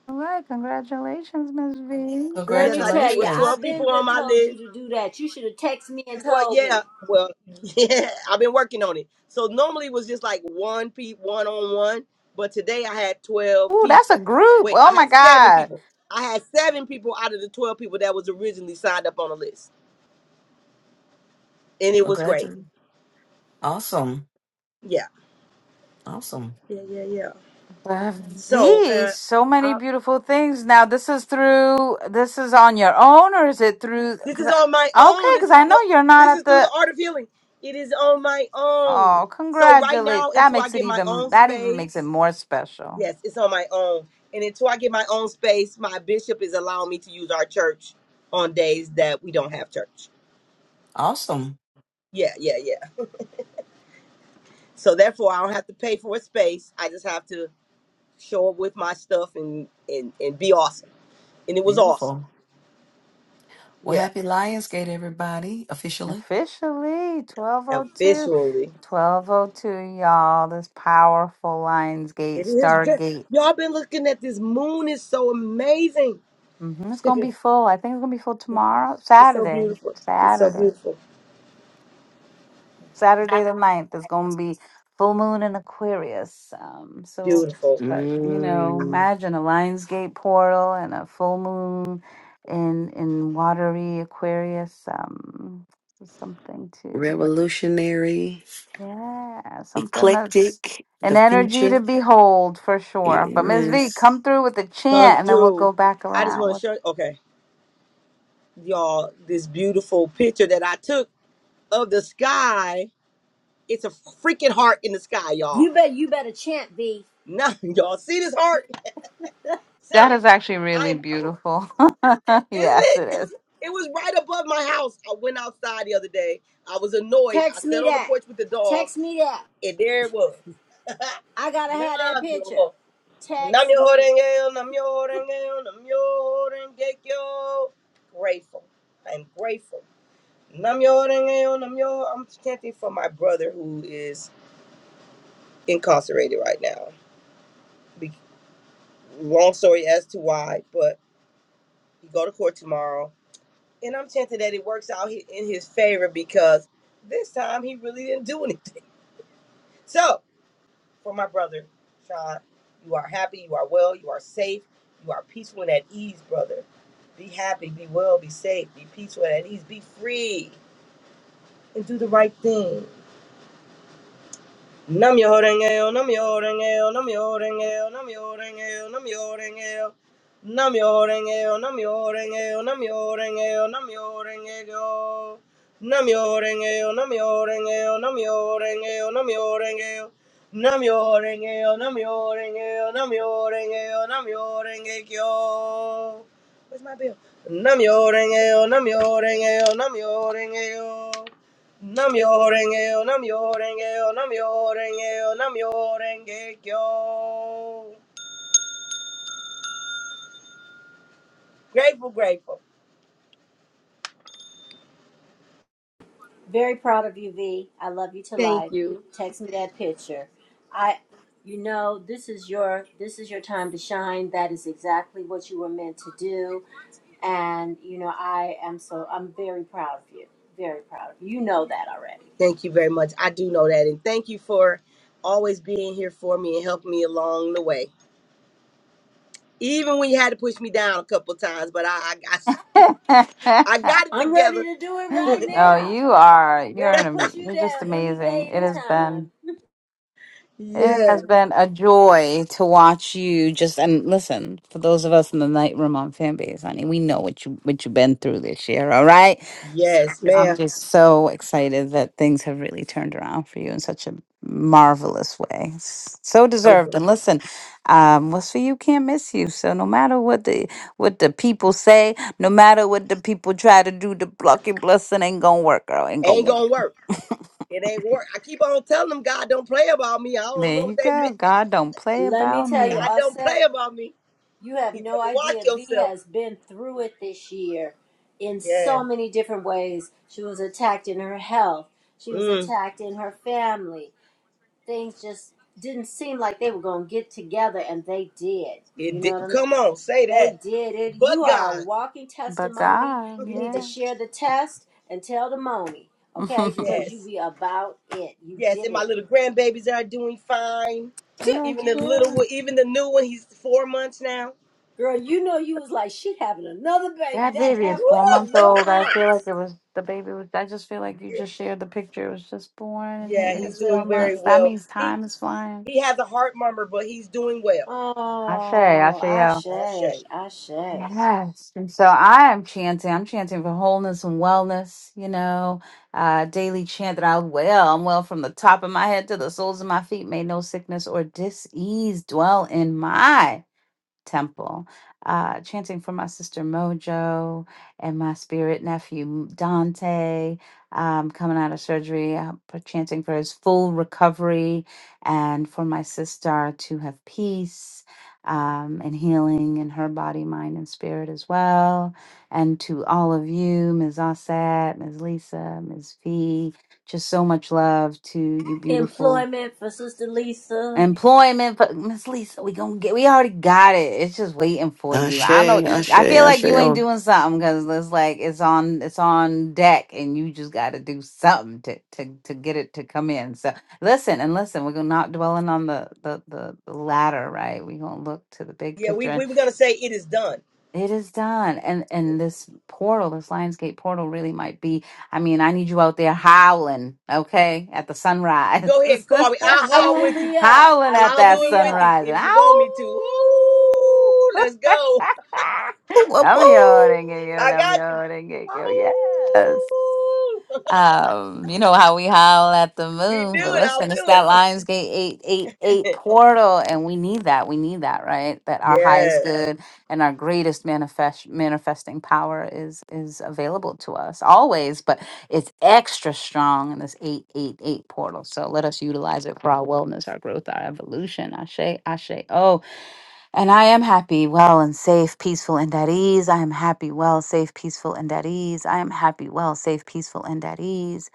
All right, congratulations, Miss V.
Let
Yes,
me
I did.
tell
It
you,
was twelve
I've been
people on
there
my
told you
list.
to do that. You should have texted me and
Well,
told me.
yeah, well, yeah, I've been working on it. So normally it was just like one pe one on one, but today I had twelve
Ooh, that's a
people.
group.
Wait,
Oh
I
my
had seven
God.
people. I had seven people out of the twelve people that was originally signed up on the list. and it was great. Yeah,
Awesome.
yeah, yeah, yeah.
But
So
V,
uh,
so many
I,
beautiful things. Now, this is through, this is on your own, or is it through?
this
Cause
is on my
I, okay,
own. This
because
is
I
the
know you're not
this is
at
through the
the.
art of healing. It is on my own.
Oh,
So right
congratulate.
now,
That
until I
makes it
get my
even,
own
that even makes it
space,
more special.
yes, it's on my own. And until I get my own space, my bishop is allowing me to use our church on days that we don't have church. Yeah, yeah, yeah. So therefore, I don't have to pay for a space. I just have to show up with my stuff and and and be awesome. And it was awesome. Yeah,
Officially, 1202.
officially.
1202, y'all. This powerful Lionsgate,
It is just
Stargate.
y'all been looking at this moon is so amazing.
hmm It's going to be
it's
full. I think it's going to be full tomorrow.
so
Saturday.
beautiful. It's so
Saturday.
beautiful.
Saturday the ninth. It's going to be full moon in Aquarius. Um, so,
Beautiful.
but, you know,
Mm.
imagine a Lionsgate portal and a full moon in in watery Aquarius. Um, something to.
revolutionary,
Yeah, something that's
eclectic,
an
the
energy
future.
to behold for sure. But Miss V,
Yes.
come through with the
Come
chant and then we'll
through.
go back
I just
around.
want to
What-
show okay, y'all, this beautiful picture that I took of the sky. It's a freaking heart in the sky, y'all.
You bet you better chant, V.
Now y'all see this heart?
That
So
is actually really
I'm oh,
beautiful.
isn't
yes, it
it?
is.
It was right above my house. I went outside the other day. I was annoyed. I
Text me
sat on the
that.
porch with the dog,
Text me that.
and there it was.
I gotta have that
Nam
picture.
yo.
Text me.
Namyo-renge-yo, namyo-renge-yo, namyo-renge-kyo. Grateful. I'm grateful. Namyo-renge-yo, namyo. I'm chanting for my brother who is incarcerated right now. Be- long story as to why, but he go to court tomorrow, and I'm chanting that it works out he- in his favor because this time he really didn't do anything. So for my brother, Sean. You are happy, you are well, you are safe, you are peaceful and at ease, brother. Be happy, be well, be safe, be peaceful and at ease, be free, and do the right thing. Nam yo renge-yo, nam yo renge-yo, nam yo renge-yo, nam yo renge-yo, nam yo renge-yo. Nam yo renge-yo, nam yo renge-yo, nam yo renge-yo, nam yo renge-yo. Nam yo renge-yo, nam yo renge-yo, nam yo renge-yo, nam yo renge-yo. Nam yo renge-yo, nam yo renge-yo, nam yo renge-yo, nam yo renge-kyo. Where's my bill? Nam yo renge-yo, nam yo renge-yo, nam yo renge-yo. Nam yo renge yo, nam yo renge yo, nam yo renge yo, nam yo renge yo. Grateful, grateful.
Very proud of you, V. I love you to
Thank
life.
you.
Text me that picture. I, you know, this is your this is your time to shine. That is exactly what you were meant to do. And you know, I am so I'm very proud of you. Very proud of you. You know that already.
Thank you very much. I do know that. And thank you for always being here for me and helping me along the way. Even when you had to push me down a couple times, but I, I, got, I got it
I'm ready
together.
to do it right
no,
now.
you are. You're
Ready
an
to push
amazing.
you
You're just
down any
amazing.
day,
It has been.
anytime.
It
Yeah.
has been a joy to watch you just and listen for those of us in the night room on fan base, honey. We know what you what you've been through this year, all right? So
Yes,
I'm
ma'am.
just so excited that things have really turned around for you in such a marvelous way. It's So
I'm,
deserved. And listen, um, what's for you can't miss you. So no matter what the what the people say, no matter what the people try to do, the block your blessing ain't gonna work, girl. Ain't gonna
ain't
work.
gonna work. It ain't work. I keep on telling them God don't play about me. I don't
There
know
you
what they mean.
go. God don't play
Let me
about
tell you,
me.
God
all
don't
set.
play about me.
You have
You
no
better watch
idea. V
yourself.
has been through it this year in so
Yes.
many different ways. She was attacked in her health, she was
Mm,
attacked in her family. Things just didn't seem like they were going to get together, and they did.
it
You know what
did.
I'm
Come on, say
They
that.
did it.
But
You are a
God,
walking
But
testimony.
God,
You need to
yeah.
share the test and tell the money, okay? Because you
yes,
be about it. You
yes.
did
And my
it.
little grandbabies are doing fine.
Tip.
yeah,
Even the little
yeah.
one, even the new one, he's four months now.
Girl, you know you was like, she having another baby,
That
that
baby
Woo!
is
heifer
four months
in your
old. I feel like
house.
it was the baby was I just feel like you just shared the picture. It was just born and here
Yeah,
it
That
he's
is four
doing
little
very
months. That
thing.
well.
means
He
time is flying.
he has a heart murmur, but he's doing well.
I say, I
Oh,
say yo.
Ashe,
Ashe.
Ashe.
Yes. And so I am chanting. I'm chanting for wholeness and wellness, you know. Uh daily chant that I well, I'm well from the top of my head to the soles of my feet. May no sickness or disease dwell in my Temple, uh, chanting for my sister Mojo and my spirit nephew Dante um, coming out of surgery, uh, for chanting for his full recovery and for my sister to have peace um, and healing in her body, mind, and spirit as well. And to all of you, Ms. Osset, Ms. Lisa, Ms. V, just so much love to you, beautiful.
Employment for Sister Lisa.
Employment, for, Miss Lisa, we gonna get. We already got it. It's just waiting for you. I know. I feel like you ain't doing something because it's like it's on. It's on deck, and you just got to do something to to to get it to come in. So listen and listen. We're gonna not dwelling on the the the, the ladder, right? We are gonna look to the big
Yeah, we,
picture.
we were gonna say it is done.
It is done. And and this portal, this Lionsgate portal really might be I mean, I need you out there howling, okay, at the sunrise.
Go ahead, call me. I'll
I
haul
will
with you.
be up.
howling
I
at
I'll
will
that
do it
be
with
up.
you
sunrise.
if you want me to.
Ow!
Ooh, let's go.
I'm yawning, I'm yawning,
I
I'm
got you.
yawning. Yes.
Ooh.
Um, you know how we howl at the
We do
moon, but
it. I'll
listen, it's
do
that
it.
Lionsgate 888 portal, and we need that. We need that, right? That our
Yeah.
highest good and our greatest manifest manifesting power is is available to us always, but it's extra strong in this 888 portal. So let us utilize it for our wellness, our growth, our evolution. Ashe, ashe. Oh, and I am happy, well, and safe, peaceful, and at ease. I am happy, well, safe, peaceful, and at ease. I am happy, well, safe, peaceful, and at ease.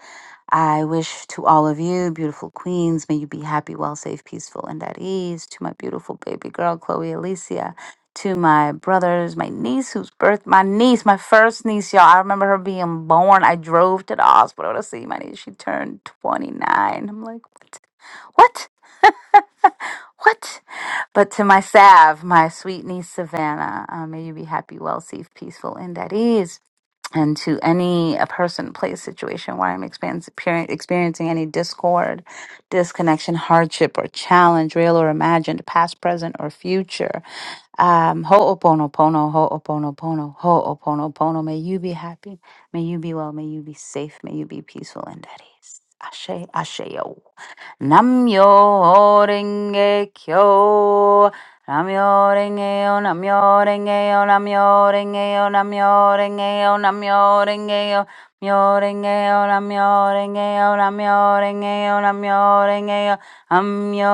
I wish to all of you, beautiful queens, may you be happy, well, safe, peaceful, and at ease. To my beautiful baby girl, Chloe Alicia. To my brothers, my niece, whose birth, my niece, my first niece, y'all. I remember her being born. I drove to the hospital to see my niece. She turned 29. I'm like, what? What? what? But to my salve, my sweet niece Savannah, uh, may you be happy, well, safe, peaceful, and at ease. And to any a person, place, situation where I'm expans- peer- experiencing any discord, disconnection, hardship, or challenge, real or imagined, past, present, or future, um, ho'oponopono, ho'oponopono, ho'oponopono, may you be happy, may you be well, may you be safe, may you be peaceful and at ease. Ashe, ashe, yo. Namyo Renge Kyo. Namyo Renge Yo, Namyo Renge Yo, Namyo Renge Yo, Namyo Renge Yo, Namyo Renge Yo. Myo Renge Yo, Namyo Renge Yo, Namyo Renge Yo, Namyo Renge Yo. Namyo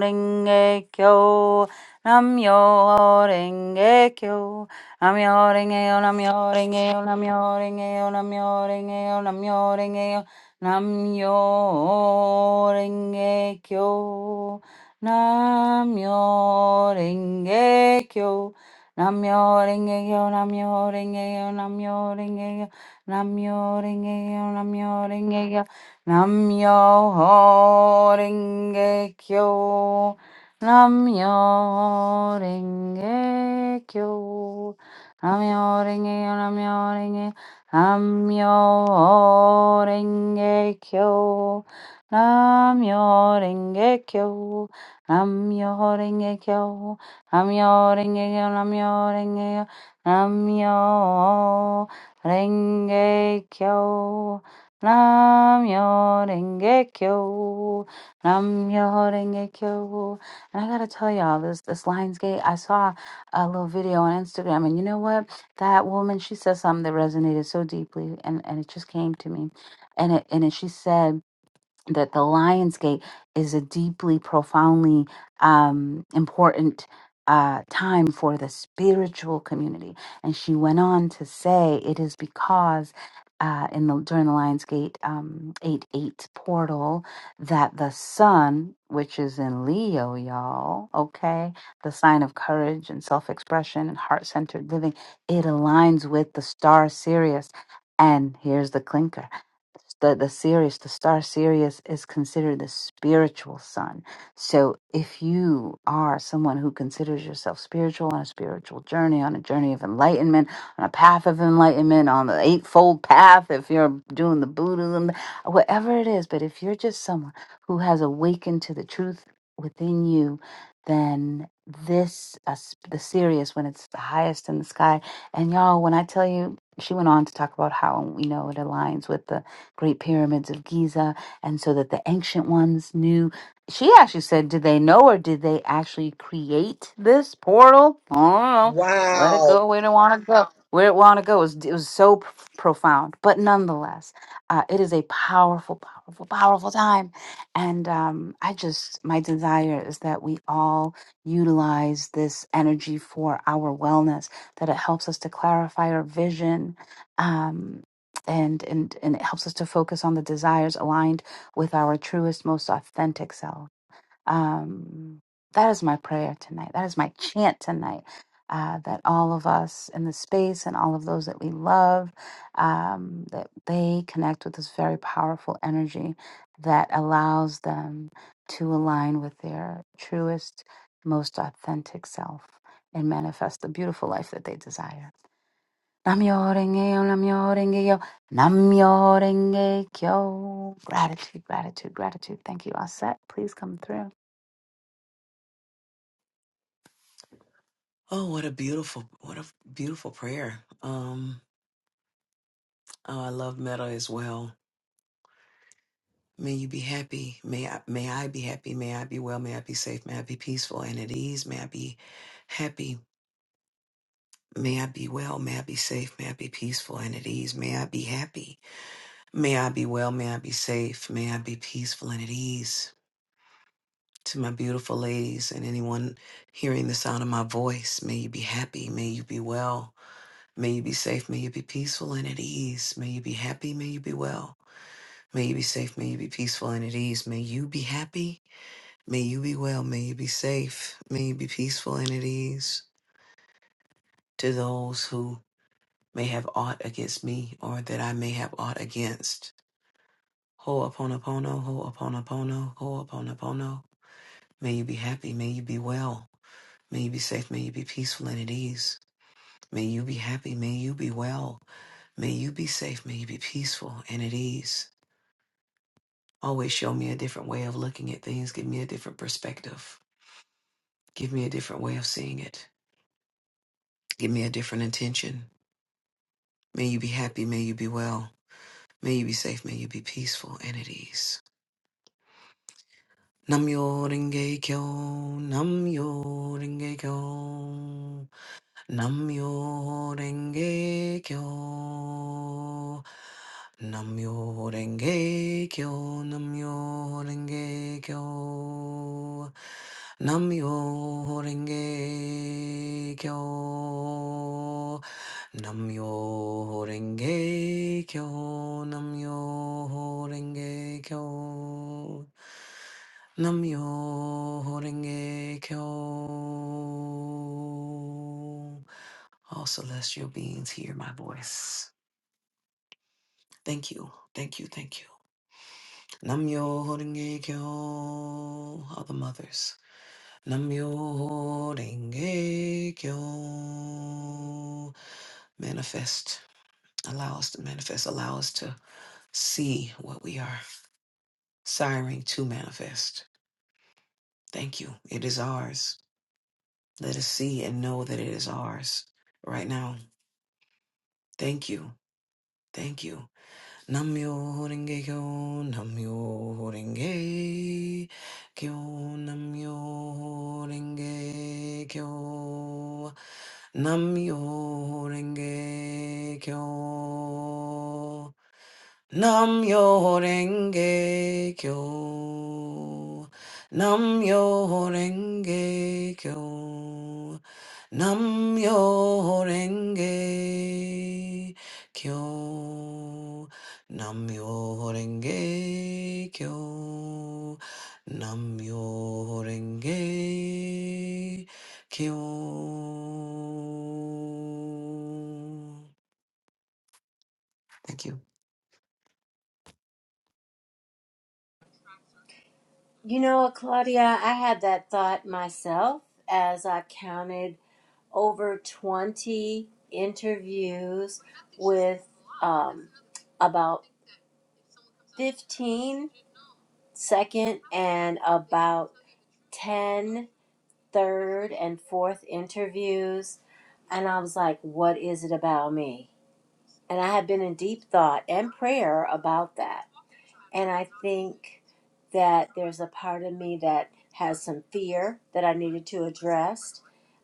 Renge Kyo. Namyo Renge Kyo. Namyo Renge Yo, Namyo Renge Yo, Namyo Renge Yo, Namyo Renge Yo, Namyo Renge Yo. Namyo Renge Kyo. Namyo Renge Kyo. Namyo Renge Kyo. Namyo Renge Kyo. Namyo Renge Kyo. Namyo Renge Kyo. Namyo Renge Kyo. Namyo Renge Kyo. Namyo Renge Kyo. Namyo Renge Kyo. Namyo Renge Kyo. Namyo Renge Kyo. Namyo Renge Kyo. Namyo Renge Kyo. Namyo Renge Kyo. Namyo Renge Kyo. Namyo Renge Kyo. Namyo Renge Kyo. Namyo Renge Kyo. And I gotta tell y'all, this this Lionsgate, I saw a little video on Instagram, and you know what? that woman she said something that resonated so deeply and and it just came to me and it and it, she said that the Lionsgate is a deeply, profoundly um, important uh, time for the spiritual community. And she went on to say it is because. Uh, in the during the Lionsgate um, eight eight portal, that the sun, which is in Leo, y'all, okay, the sign of courage and self expression and heart centered living, it aligns with the star Sirius. And here's the clinker: the, the Sirius, the star Sirius is considered the spiritual sun. So if you are someone who considers yourself spiritual on a spiritual journey, on a journey of enlightenment, on a path of enlightenment, on the eightfold path, if you're doing the Buddhism, whatever it is, but if you're just someone who has awakened to the truth within you, then this uh, sp- the Sirius when it's the highest in the sky, and y'all, when I tell you, she went on to talk about how you know it aligns with the Great Pyramids of Giza, and so that the ancient ones knew. She actually said, Did they know or did they actually create this portal? I don't know. Let it
Wow.
go where it want to go. Where it want to go. It was, it was so p- profound. But nonetheless, uh, it is a powerful, powerful, powerful time. And um, I just, my desire is that we all utilize this energy for our wellness, that it helps us to clarify our vision. Um, and and and it helps us to focus on the desires aligned with our truest most authentic self um that is my prayer tonight that is my chant tonight uh, that all of us in the space and all of those that we love um, that they connect with this very powerful energy that allows them to align with their truest most authentic self and manifest the beautiful life that they desire Namyo-renge-kyo, Namyo-renge-kyo, Namyo-renge-kyo. Gratitude, gratitude, gratitude. Thank you, All set. Please come through.
You know what, Claudia? I had that thought myself as I counted over 20 interviews with um, about 15 second and about 10 third and fourth interviews, and I was like, what is it about me? And I had been in deep thought and prayer about that. And I think that there's a part of me that has some fear that I needed to address,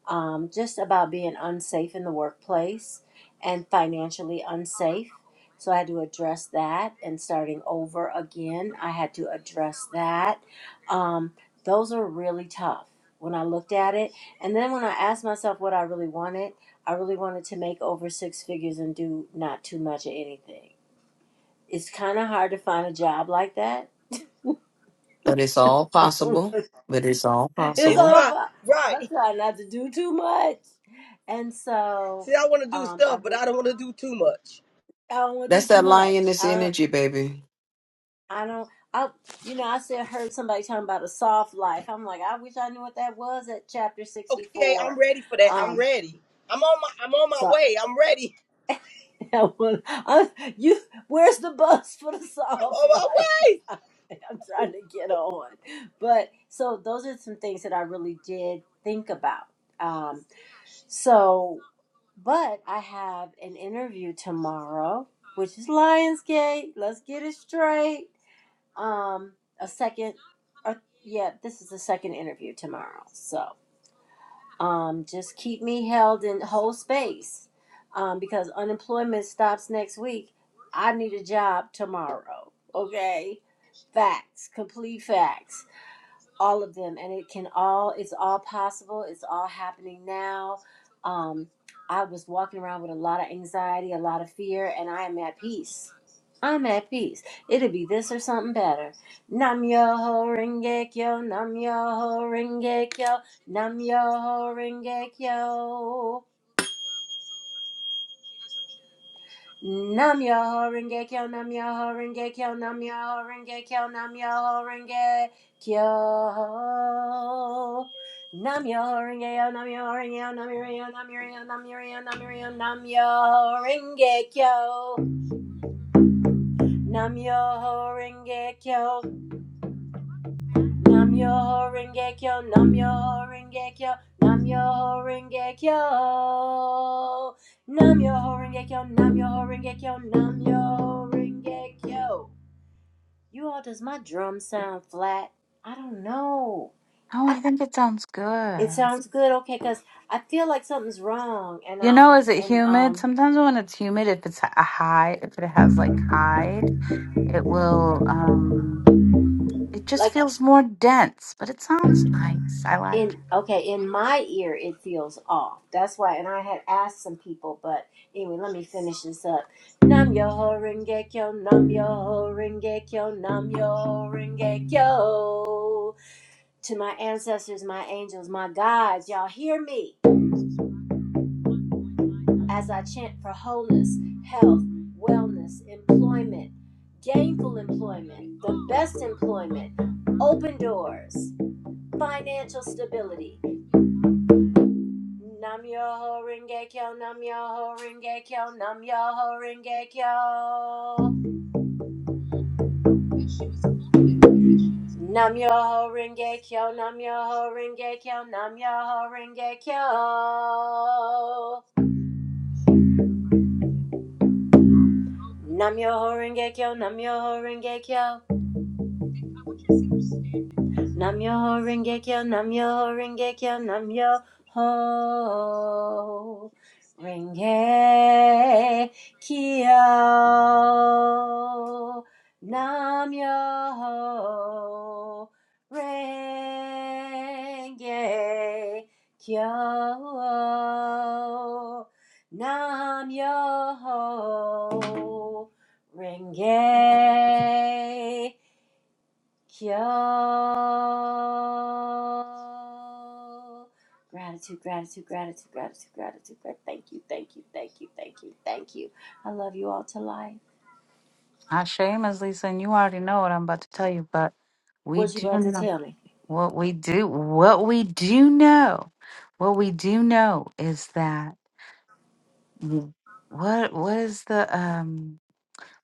um, just about being unsafe in the workplace and financially unsafe. So I had to address that and starting over again, I had to address that. Um, those are really tough when I looked at it. And then when I asked myself what I really wanted, I really wanted to make over six figures and do not too much of anything it's kind of hard to find a job like that. it's
It's
all
fine.
I'm
Right.
trying not to do too much, and so
See, I want to do
um, I
stuff, but
re-
I don't want to do too much.
I don't want to do too much. I I don't I you know I said heard somebody talking about a soft life. I'm like I wish I knew what that was at chapter sixty
Okay, I'm
four.
ready for that. I'm
Um,
ready. I'm on my. I'm on my
so
way. I'm ready.
Yeah, well, I, you, where's the bus for the
I'm
soft
on
life?
my way.
I'm trying to get on. But so those are some things that I really did think about. Um, so, but I have an interview tomorrow, which is Lionsgate. Let's get it straight. Um, a second, or, yeah, this is the second interview tomorrow. So, um, just keep me held in whole space um, because unemployment stops next week. I need a job tomorrow. Okay, facts, complete facts, all of them, and it can all. It's all possible. It's all happening now. Um, I was walking around with a lot of anxiety, a lot of fear, and I am at peace I'm at peace. It'll be this or something better. Nam yo ho renge kyo, nam yo ho renge kyo, nam yo ho renge kyo. Nam yo ho renge kyo, nam yo ho renge kyo, nam yo ho renge kyo, nam yo ho renge kyo. Nam yo ho renge yo, nam yo ho renge yo, nam yo renge yo, nam yo renge yo, nam yo renge yo, nam yo renge yo, nam yo ho renge kyo. Nam yo ho renge kyo. Namyo Rengekyo, Namyo Rengekyo, Namyo Rengekyo. Namyo Rengekyo, Namyo Rengekyo, Namyo Rengekyo. You all, does my drum sound flat? I don't know.
Oh,
I,
I think it sounds
it
good.
sounds good, okay, because I feel like something's wrong, and
You
I
know, is it
and
humid?
um
Sometimes when it's humid, if it's a high, if it has like hide, it will, um, it just
like.
feels more dense, but it sounds nice. I like
in
it.
okay in my ear it feels off that's why and i had asked some people but anyway let me finish this up nam yo ho renge kyo nam yo ho renge kyo nam yo ho renge kyo to my ancestors my angels my guides y'all hear me as i chant for wholeness health wellness employment gainful employment the best employment open doors financial stability Nam Yoho Renge Kyo, Nam Yoho Renge Kyo, Nam Yoho Renge Kyo. Nam Yoho Renge Kyo, Nam Yoho Renge Kyo, Nam Yoho Renge Kyo. Nam Yoho Renge Kyo, Nam Yoho Renge Kyo. Namyo Rengekyo, Namyo Rengekyo, Namyo Ho Rengekyo, Namyo Rengekyo, Namyo Rengekyo. Kyo. Gratitude, gratitude, gratitude, gratitude, gratitude, gratitude. Thank you, thank you, thank you, thank you, thank you. I love you all to life.
Hashem, as Lisa, and you already know what I'm about to tell you, but we
What you
do
about to
know.
tell me?
What we do, what we do know, what we do know is that what what is the um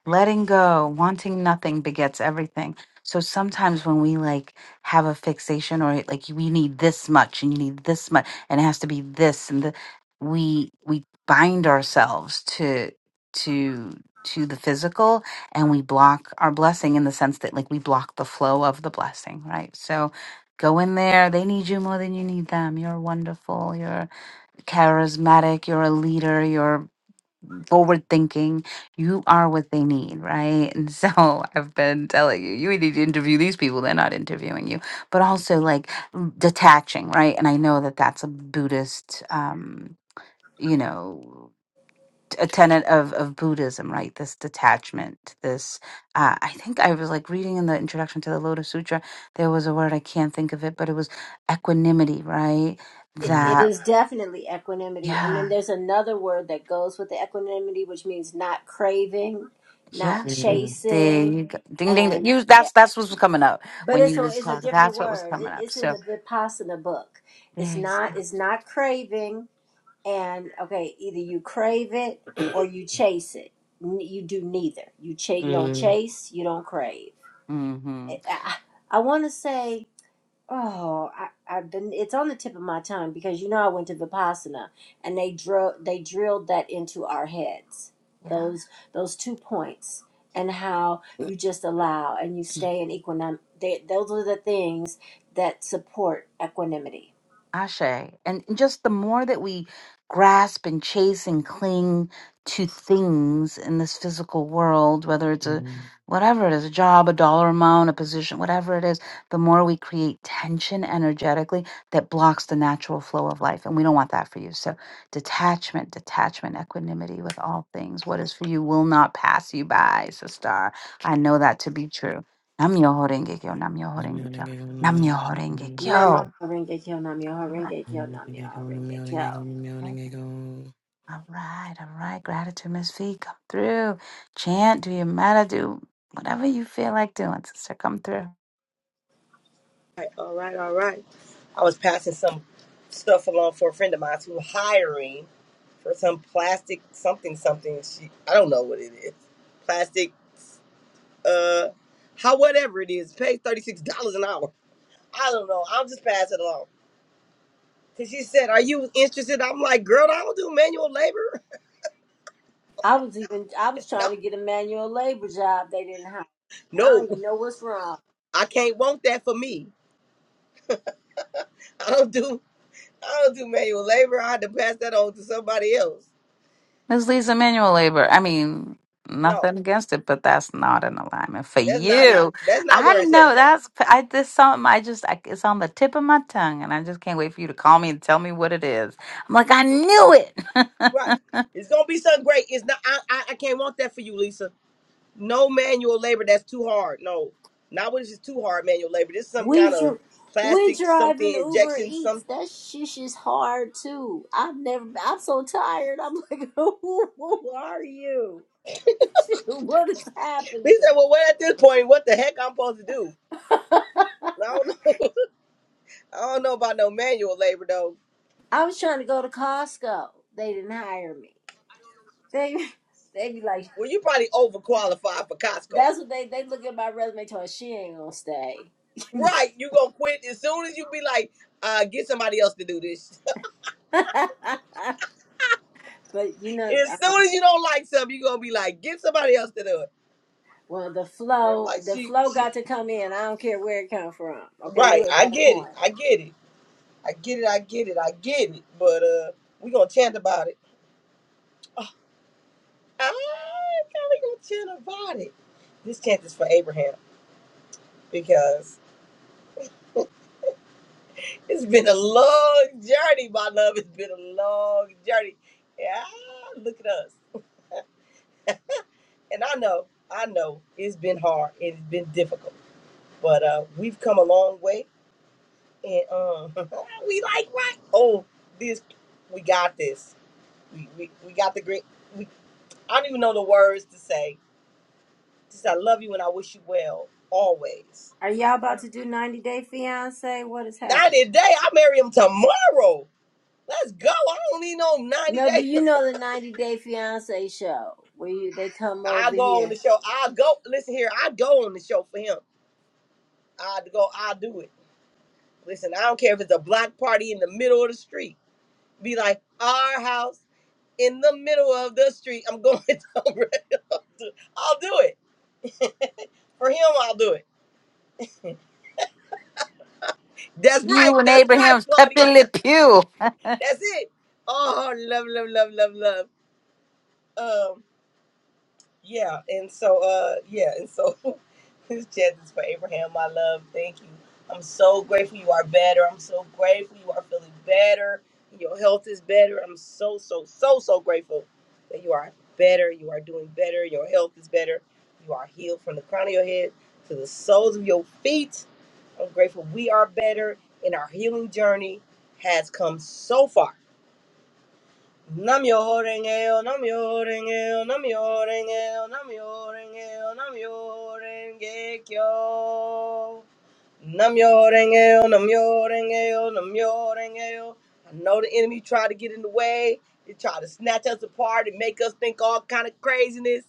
letting go wanting nothing begets everything so sometimes when we like have a fixation or like we need this much and you need this much and it has to be this and the we we bind ourselves to to to the physical and we block our blessing in the sense that like we block the flow of the blessing right so go in there they need you more than you need them you're wonderful you're charismatic you're a leader You're forward thinking. You are what they need, right? And so I've been telling you, you need to interview these people. They're not interviewing you, but also like m- detaching, right? And I know that that's a Buddhist, um, you know, t- a tenet of, of Buddhism, right? This detachment, this, uh, I think I was like reading in the introduction to the Lotus Sutra, there was a word, I can't think of it, but it was equanimity, right?
It, it
That,
is definitely equanimity. And
yeah.
then there's another word that goes with the equanimity, which means not craving,
Yeah.
not
it- There
chasing,
you go. Ding ding. ding.
and
You
yeah.
that's that's what was coming up
But
when
it's
you
a,
was
it's a
talking.
different
That's what was
word.
coming
It,
up.
it's in
So
the Vipassana book. It's
there you
not it's not craving. and okay, either you crave it or you chase it. N- You do neither. You cha- you don't chase, you don't crave.
go.
Eh,
Mm-hmm.
I, I, I want to say, oh, I, I've been. It's on the tip of my tongue because you know I went to Vipassana and they drill they drilled that into our heads. Those those two points and how you just allow and you stay in equanimity. Those are the things that support equanimity
Ashe. And just the more that we grasp and chase and cling to things in this physical world, whether it's a whatever it is, a job, a dollar amount, a position, whatever it is, the more we create tension energetically that blocks the natural flow of life. And we don't want that for you. So detachment, detachment, equanimity with all things. What is for you will not pass you by, sister. I know that to be true. Nam yo horenge kyo, nam yo horenge kyo, nam yo horenge
Namyo
kyo.
Horenge Kyo, Namyo Horenge Kyo, Namyo Horenge Kyo.
All right, all right. Gratitude, Miss V, come through. Chant, do your matter, do whatever you feel like doing, sister, come through.
All right. All right. All right. I was passing some stuff along for a friend of mine who's hiring for some plastic something something. She. I don't know what it is. Plastic. Uh. How whatever it is, pay thirty six dollars an hour. I don't know. I'm just passing along. Cause she said, "Are you interested?" I'm like, "Girl, I don't do manual labor.
I was even I was
no,
trying to get a manual labor job. They didn't hire. me. I don't
no,
even know what's wrong.
I can't want that for me. I don't do, I don't do manual labor. I had to pass that on to somebody else.
Miss Lisa, manual labor. I mean,
No,
nothing against it, but that's not in alignment for
that's not
you.
it. That's not where
I
it's
know
at.
that's I this something I just I, it's on the tip of my tongue, and I just can't wait for you to call me and tell me what it is. I'm like, I knew
Right?
it.
It's gonna be something great. It's not. I, I, I can't want that for you, Lisa. No manual labor. That's too hard. No, not when it's just too hard manual labor. This is some
We
kind of
dr- we
plastic
driving
something
Uber
injection. Some.
Eats. That shit is hard too. I've never. I'm so tired. I'm like, who, who are you? what is happening?
Lisa, well, what at this point? What the heck I'm supposed to do? I don't know. I don't know about no manual labor though.
I was trying to go to Costco. They didn't hire me. They they be like,
Well, you probably overqualified for Costco.
that's what they they look at my resume. Told her, she ain't gonna stay.
Right. You gonna quit as soon as you be like, uh, get somebody else to do this.
But you know,
as
um,
soon as you don't like something, you gonna be like, get somebody else to do it.
well, the
Remember,
flow,
Like
the
she
flow
she
got to come in. I don't care where it come from. Okay,
Right,
we're at
I
that
get it.
point.
I get it. I get it, I get it, I get it. But uh we gonna chant about it. Oh, I kinda gonna chant about it. This chant is for Abraham because It's been a long journey, my love. It's been a long journey. Yeah, look at us. And I know, I know, it's been hard. It's been difficult, but uh, we've come a long way, and um, we like right. Oh, this, we got this. We we, we got the great. We I don't even know the words to say. Just I love you and I wish you well always.
Are y'all about to do 90 Day Fiance? What is
Ninety
happening?
day, I marry him tomorrow. Let's go. I don't need no ninety
No, but
day.
you know the 90 Day Fiance show where you they come
I
over
go on
here.
the show. I go listen here. I go on the show for him. I go. I do it. Listen, I don't care if it's a block party in the middle of the street. Be like our house in the middle of the street. I'm going. to- I'll do it for him. I'll do it. That's right.
you and
That's right,
Abraham's Pepe
Claudia.
Le Pew.
That's it. Oh, love, love, love, love, love. Um. Yeah, and so uh yeah, and so this chat is for Abraham, my love. Thank you. I'm so grateful you are better. I'm so grateful you are feeling better. Your health is better. I'm so so so so grateful that you are better. You are doing better. Your health is better. You are healed from the crown of your head to the soles of your feet. I'm grateful we are better and our healing journey has come so far Namyo-renge-yo, namyo-renge-yo, namyo-renge-yo, namyo-renge-yo, namyo-renge-kyo. Namyo-renge-yo, namyo-renge-yo, namyo-renge-yo. I know the enemy tried to get in the way. They tried to snatch us apart and make us think all kind of craziness.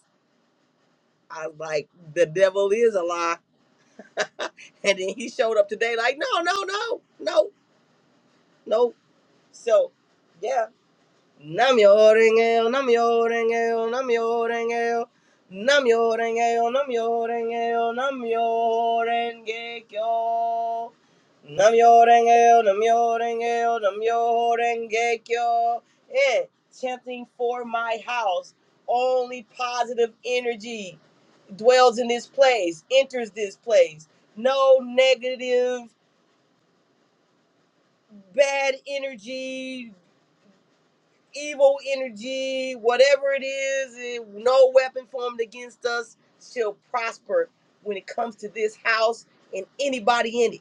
I was like, the devil is a lie. And then he showed up today like, no, no, no, no, no. So, yeah. Namyo-renge-yo, namyo-renge-yo, namyo-renge-yo. Namyo-renge-yo, namyo-renge-yo, namyo-renge-kyo. Namyo-renge-yo, namyo-renge-yo, namyo-renge-kyo. Eh, chanting for my house. Only positive energy dwells in this place, enters this place. No negative, bad energy, evil energy, whatever it is, it- no weapon formed against us shall prosper when it comes to this house and anybody in it.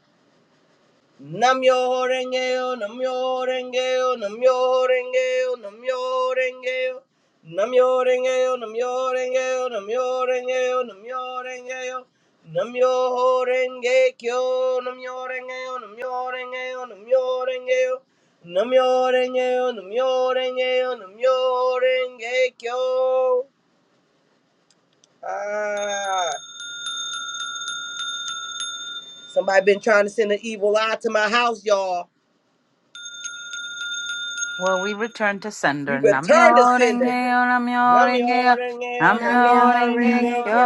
Namyo Rengeyo, Namyo Rengeyo, Namyo Rengeyo, Namyo Rengeyo. Namyo Rengeyo, Namyo Rengeyo, Namyo Rengeyo, Namyo Rengeyo. Namyo Renge Kyo, Namyo Rengeyo, Namyo Rengeyo, Namyo Rengeyo. Namyo Rengeyo, Namyo Rengeyo, Namyo Renge Kyo. Ah, somebody been trying to send an evil eye to my house, y'all.
Well, we return to
We
sender. Namyo
return the
renge
sender.
yo, namyo renge yo,
Namyorengeo,
Namya
namyo renge
namyorengeo,
kyo.
Horengekyo,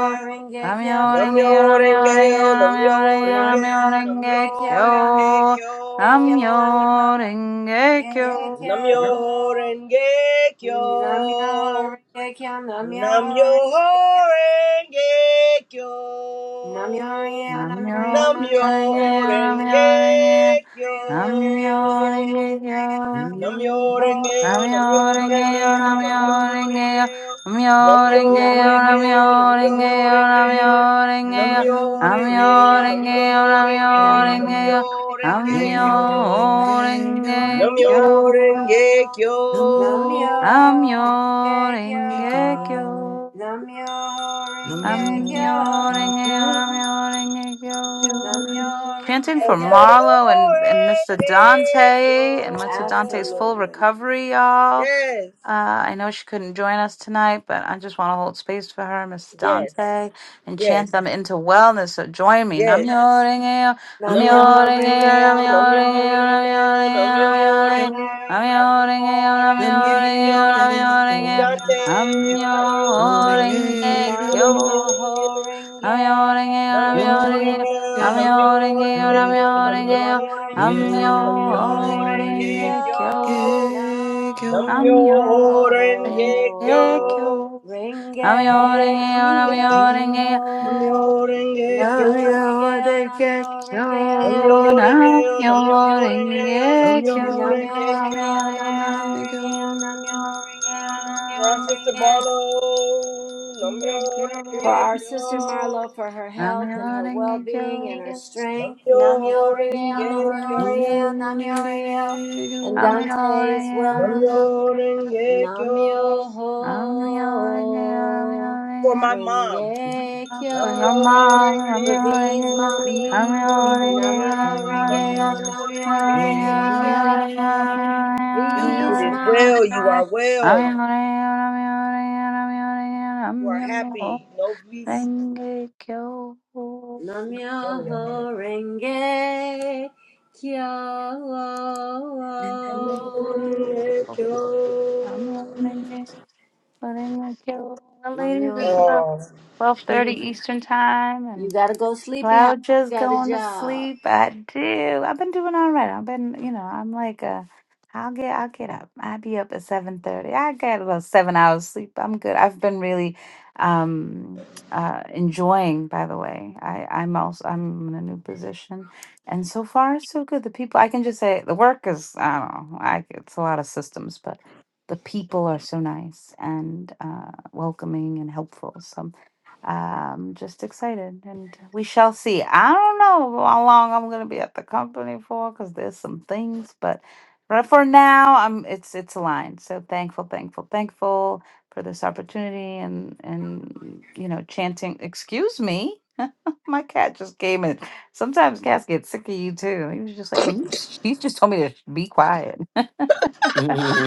Namya
Namyo
Horengekyo,
renge yo, namyo renge
Namyorengeo,
yo, namyo renge yo,
Namya
namyo
namyorengeo,
Horengekyo,
renge kyo.
Namya
namyorengekyo.
Horengekyo, Namya
Namyo
Horengekyo,
renge kyo.
Namyorengekyo.
Namya Horengekyo, Namya Horengekyo, Namya Horengekyo.
Namyorengekyo.
Namiriona,
Namyo
Miriona, Miriona,
renge
Miriona,
yo, namyo renge yo,
Namyorengekyo.
namyo
Miriona, Miriona,
renge yo.
Miriona, Miriona,
Namyorengeo,
Namyo
Horikyo.
renge yo,
namyorengeo,
namyo renge yo,
namyorengeo,
namyo renge yo,
Namyo,
namyo
namyorengeo,
renge yo,
namyorengeo,
namyo renge yo,
Horikyo,
namyo
namyorengeo,
renge yo, namyo
namyorengeo,
Namyo,
renge yo,
Horikyo,
namyo
Namyo, Horikyo,
namyorengekyo,
renge yo.
Horikyo.
namyorengekyo,
Namyo,
Namyo
Horikyo,
renge yo.
Namyo,
I'm I'm I'm
Horikyo,
renge kyo
Namyo,
Chanting for
Horikyo.
Marlo and, and Mr. Dante and Mr. Dante's
namyorengekyo.
full
Absolutely.
recovery, y'all.
Yes,
Uh, I know she couldn't join us tonight, but I just want to hold space for her, Miss
yes,
Dante, and
yes,
chant them into wellness. So join me. Nam
yes,
myoho
Namyo
Namyo Renge-yo,
Rengeyo,
Namyo
Namyo Rengeyo,
Renge-yo,
Namyo
Renge-yo, Namyo
Rengeyo,
Renge-yo,
Namyo
Namyo
Rengekyo. Dante, are
Renge-yo,
you healing,
renge
healing,
Namyo
kyo,
healing, healing?
nam myoho
Renge-yo,
Namyo
renge kyo, nam
Rengeyo,
myoho
Namyo
renge
Rengeyo, Namyo
kyo, nam myoho renge kyo,
Namyo Renge-kyo. Namyo
nam myoho renge kyo, nam myoho renge kyo, nam myoho renge kyo, nam myoho renge kyo, nam
Renge-yo, Namyo
myoho renge kyo, nam myoho renge kyo, nam myoho renge kyo, nam myoho renge kyo, nam myoho renge kyo.
Renge-kyo,
Rengeyo,
Namyo
Namyo Rengekyo. Namyo Rengekyo.
Renge
Namyo
Kyo. Namyo
Namyo
Renge Yo, Namyo
Renge-kyo.
Rengeyo,
Renge Yo.
Namyo
Namyo
Namyo
Rengekyo.
Renge-yo,
Renge
Namyo
Kyo.
Renge-yo, Namyo Renge-yo,
Namyo-renge-yo,
Namyo
Namyo Renge-yo,
Namyo-renge-yo,
Renge Kyo.
Namyo
Namyo-renge-kyo.
Namyo
Renge-yo,
Renge Kyo.
Namyo Renge-yo, Namyo
Namyo
Renge-yo,
Our
Namyo
Renge
sister Marlo,
Renge-yo.
Kyo.
For our
Namyo-renge-kyo.
sister Marlo, for her health
Namyo
and her
Renge Kyo.
well-being and her strength. Namyo Renge-yo,
Namyo
Namyo
Namyo-renge-kyo,
Renge
Renge-yo, Namyo Renge-yo. And Dante's wellness.
Namyo-renge-kyo.
Namyo
Namyo
For
Renge
my mom,
For your
Renge-kyo.
mom, I'm
For
Namyo-renge-kyo,
yelling,
V's
I'm
mommy.
yelling, I'm
Namyo
Namyo-renge-yo,
yelling.
Renge-yo, Namyo
Namyo-renge-kyo.
Renge-kyo.
It is
Visma
well, you are well, you are happy, no peace.
Namyoho Renge Kyo.
Oh.
Ladies, it's
Namyo.
about twelve thirty Eastern time,
You
and
gotta go sleepy house.
Cloud
You
just
got a
going to
job.
sleep. I do. I've been doing all right. I've been, you know, I'm like uh i will get, I'll get up. I'll be up at seven thirty. I get about seven hours sleep. I'm good. I've been really, um, uh, enjoying. By the way, I, I'm also, I'm in a new position, and so far so good. The people, I can just say, the work is, I don't know, I, it's a lot of systems, but the people are so nice and uh, welcoming and helpful. So I'm um just excited and we shall see i don't know how long i'm gonna be at the company for because there's some things but right for now i'm it's it's aligned so thankful thankful thankful for this opportunity and and you know chanting excuse me my cat just came in sometimes cats get sick of you too he was just like when you she just told me to sh- be quiet the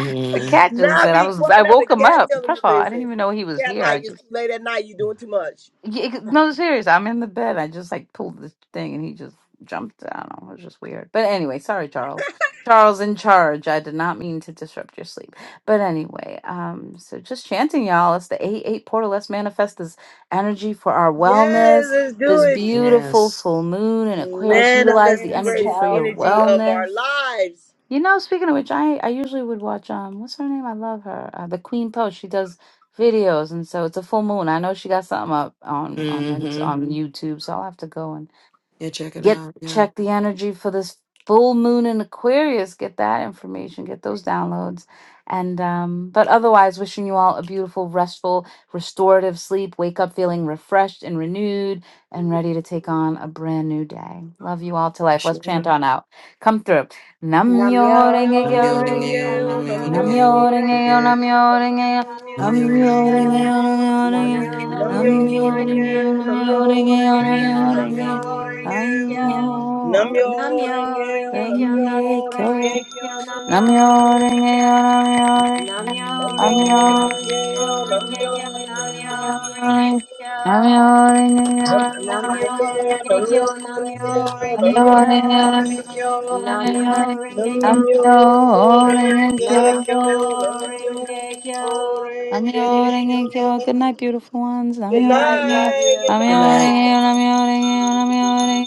cat just
Now
said i
be
was
quiet.
i
Now the
woke him
cat
up
telling
first
you,
of all i didn't
listen.
even know he
The
was
cat like
here
it's too late at night. you doing too much.
yeah, it- no, seriously, I'm in the bed. I just like pulled this thing and he just jumped. I don't know. It was just weird. But anyway, sorry, Charles. Charles in charge. I did not mean to disrupt your sleep. But anyway, um, so just chanting, y'all. It's the 8 8 portal. Let's manifest this energy for our
Yes,
wellness.
let's do
This
it.
beautiful full moon in Aquarius. Utilize
Manifest
the
the
Abundance,
energy
greatest
for your
health,
energy of
wellness.
our
wellness.
lives.
You know, speaking of which, I I usually would watch um, what's her name? I love her, uh, the Queen Post. She does videos, and so it's a full moon. I know she got something up on on on YouTube, so I'll have to go and Get check the energy for this full moon in Aquarius. Get that information. Get those downloads. And um, but otherwise, wishing you all a beautiful, restful, restorative sleep. Wake up feeling refreshed and renewed and ready to take on a brand new day. Love you all to life. Let's chant on out. Come through. Nam
Namyo
myoho
Nam
renge
yo ho
Renge
kyo.
Kyo,
renge yo,
Namyo
nam yo
Renge
ho
Kyo,
Namioringeyo,
renge yo, nam yo
namioringeyo,
ho
Namyo Renge
renge
Kyo,
namioringeyo,
kyo.
namioringeyo,
Namyo
Namyo
Renge Kyo, Namyo Renge Kyo,
namioringeyo,
Rengeo, Namyo
Namyo
namioringeyo,
Rengeo,
namioringeyo,
Namyo
namioringeyo,
Renge
Rengeo,
Kyo,
Namyo
namioringeyo,
Namyo
Rengeo,
Renge Kyo,
Namyo Rengekyo,
Namyo Renge Kyo,
namioringeyo,
Namyo
Namyo
Renge Kyo,
Rengeo,
Namyo
Namyo
Renge Kyo, Namyo
Rengekyo,
Renge Kyo,
Namyo
Namyo
Rengeo,
Renge
Namyo
Kyo, Namyo Renge Kyo, Namyo
Rengeo,
namioringeyo,
Renge Kyo, Namyo Renge
Namyo
Kyo,
namioringeyo,
Rengekyo,
Namyo Renge Kyo,
Namyo
namioringeyo,
Namyo
Rengekyo, Namyo
Renge Kyo.
namioringeyo. Namyo-renge-kyo.
Rengekyo.
Good night, beautiful ones.
Good
Good night.
Namyo-renge-kyo.
Love
night,
you.
good night.
Bye.
Namyo-renge-kyo. Namyo-renge-kyo. Namyo-renge-kyo.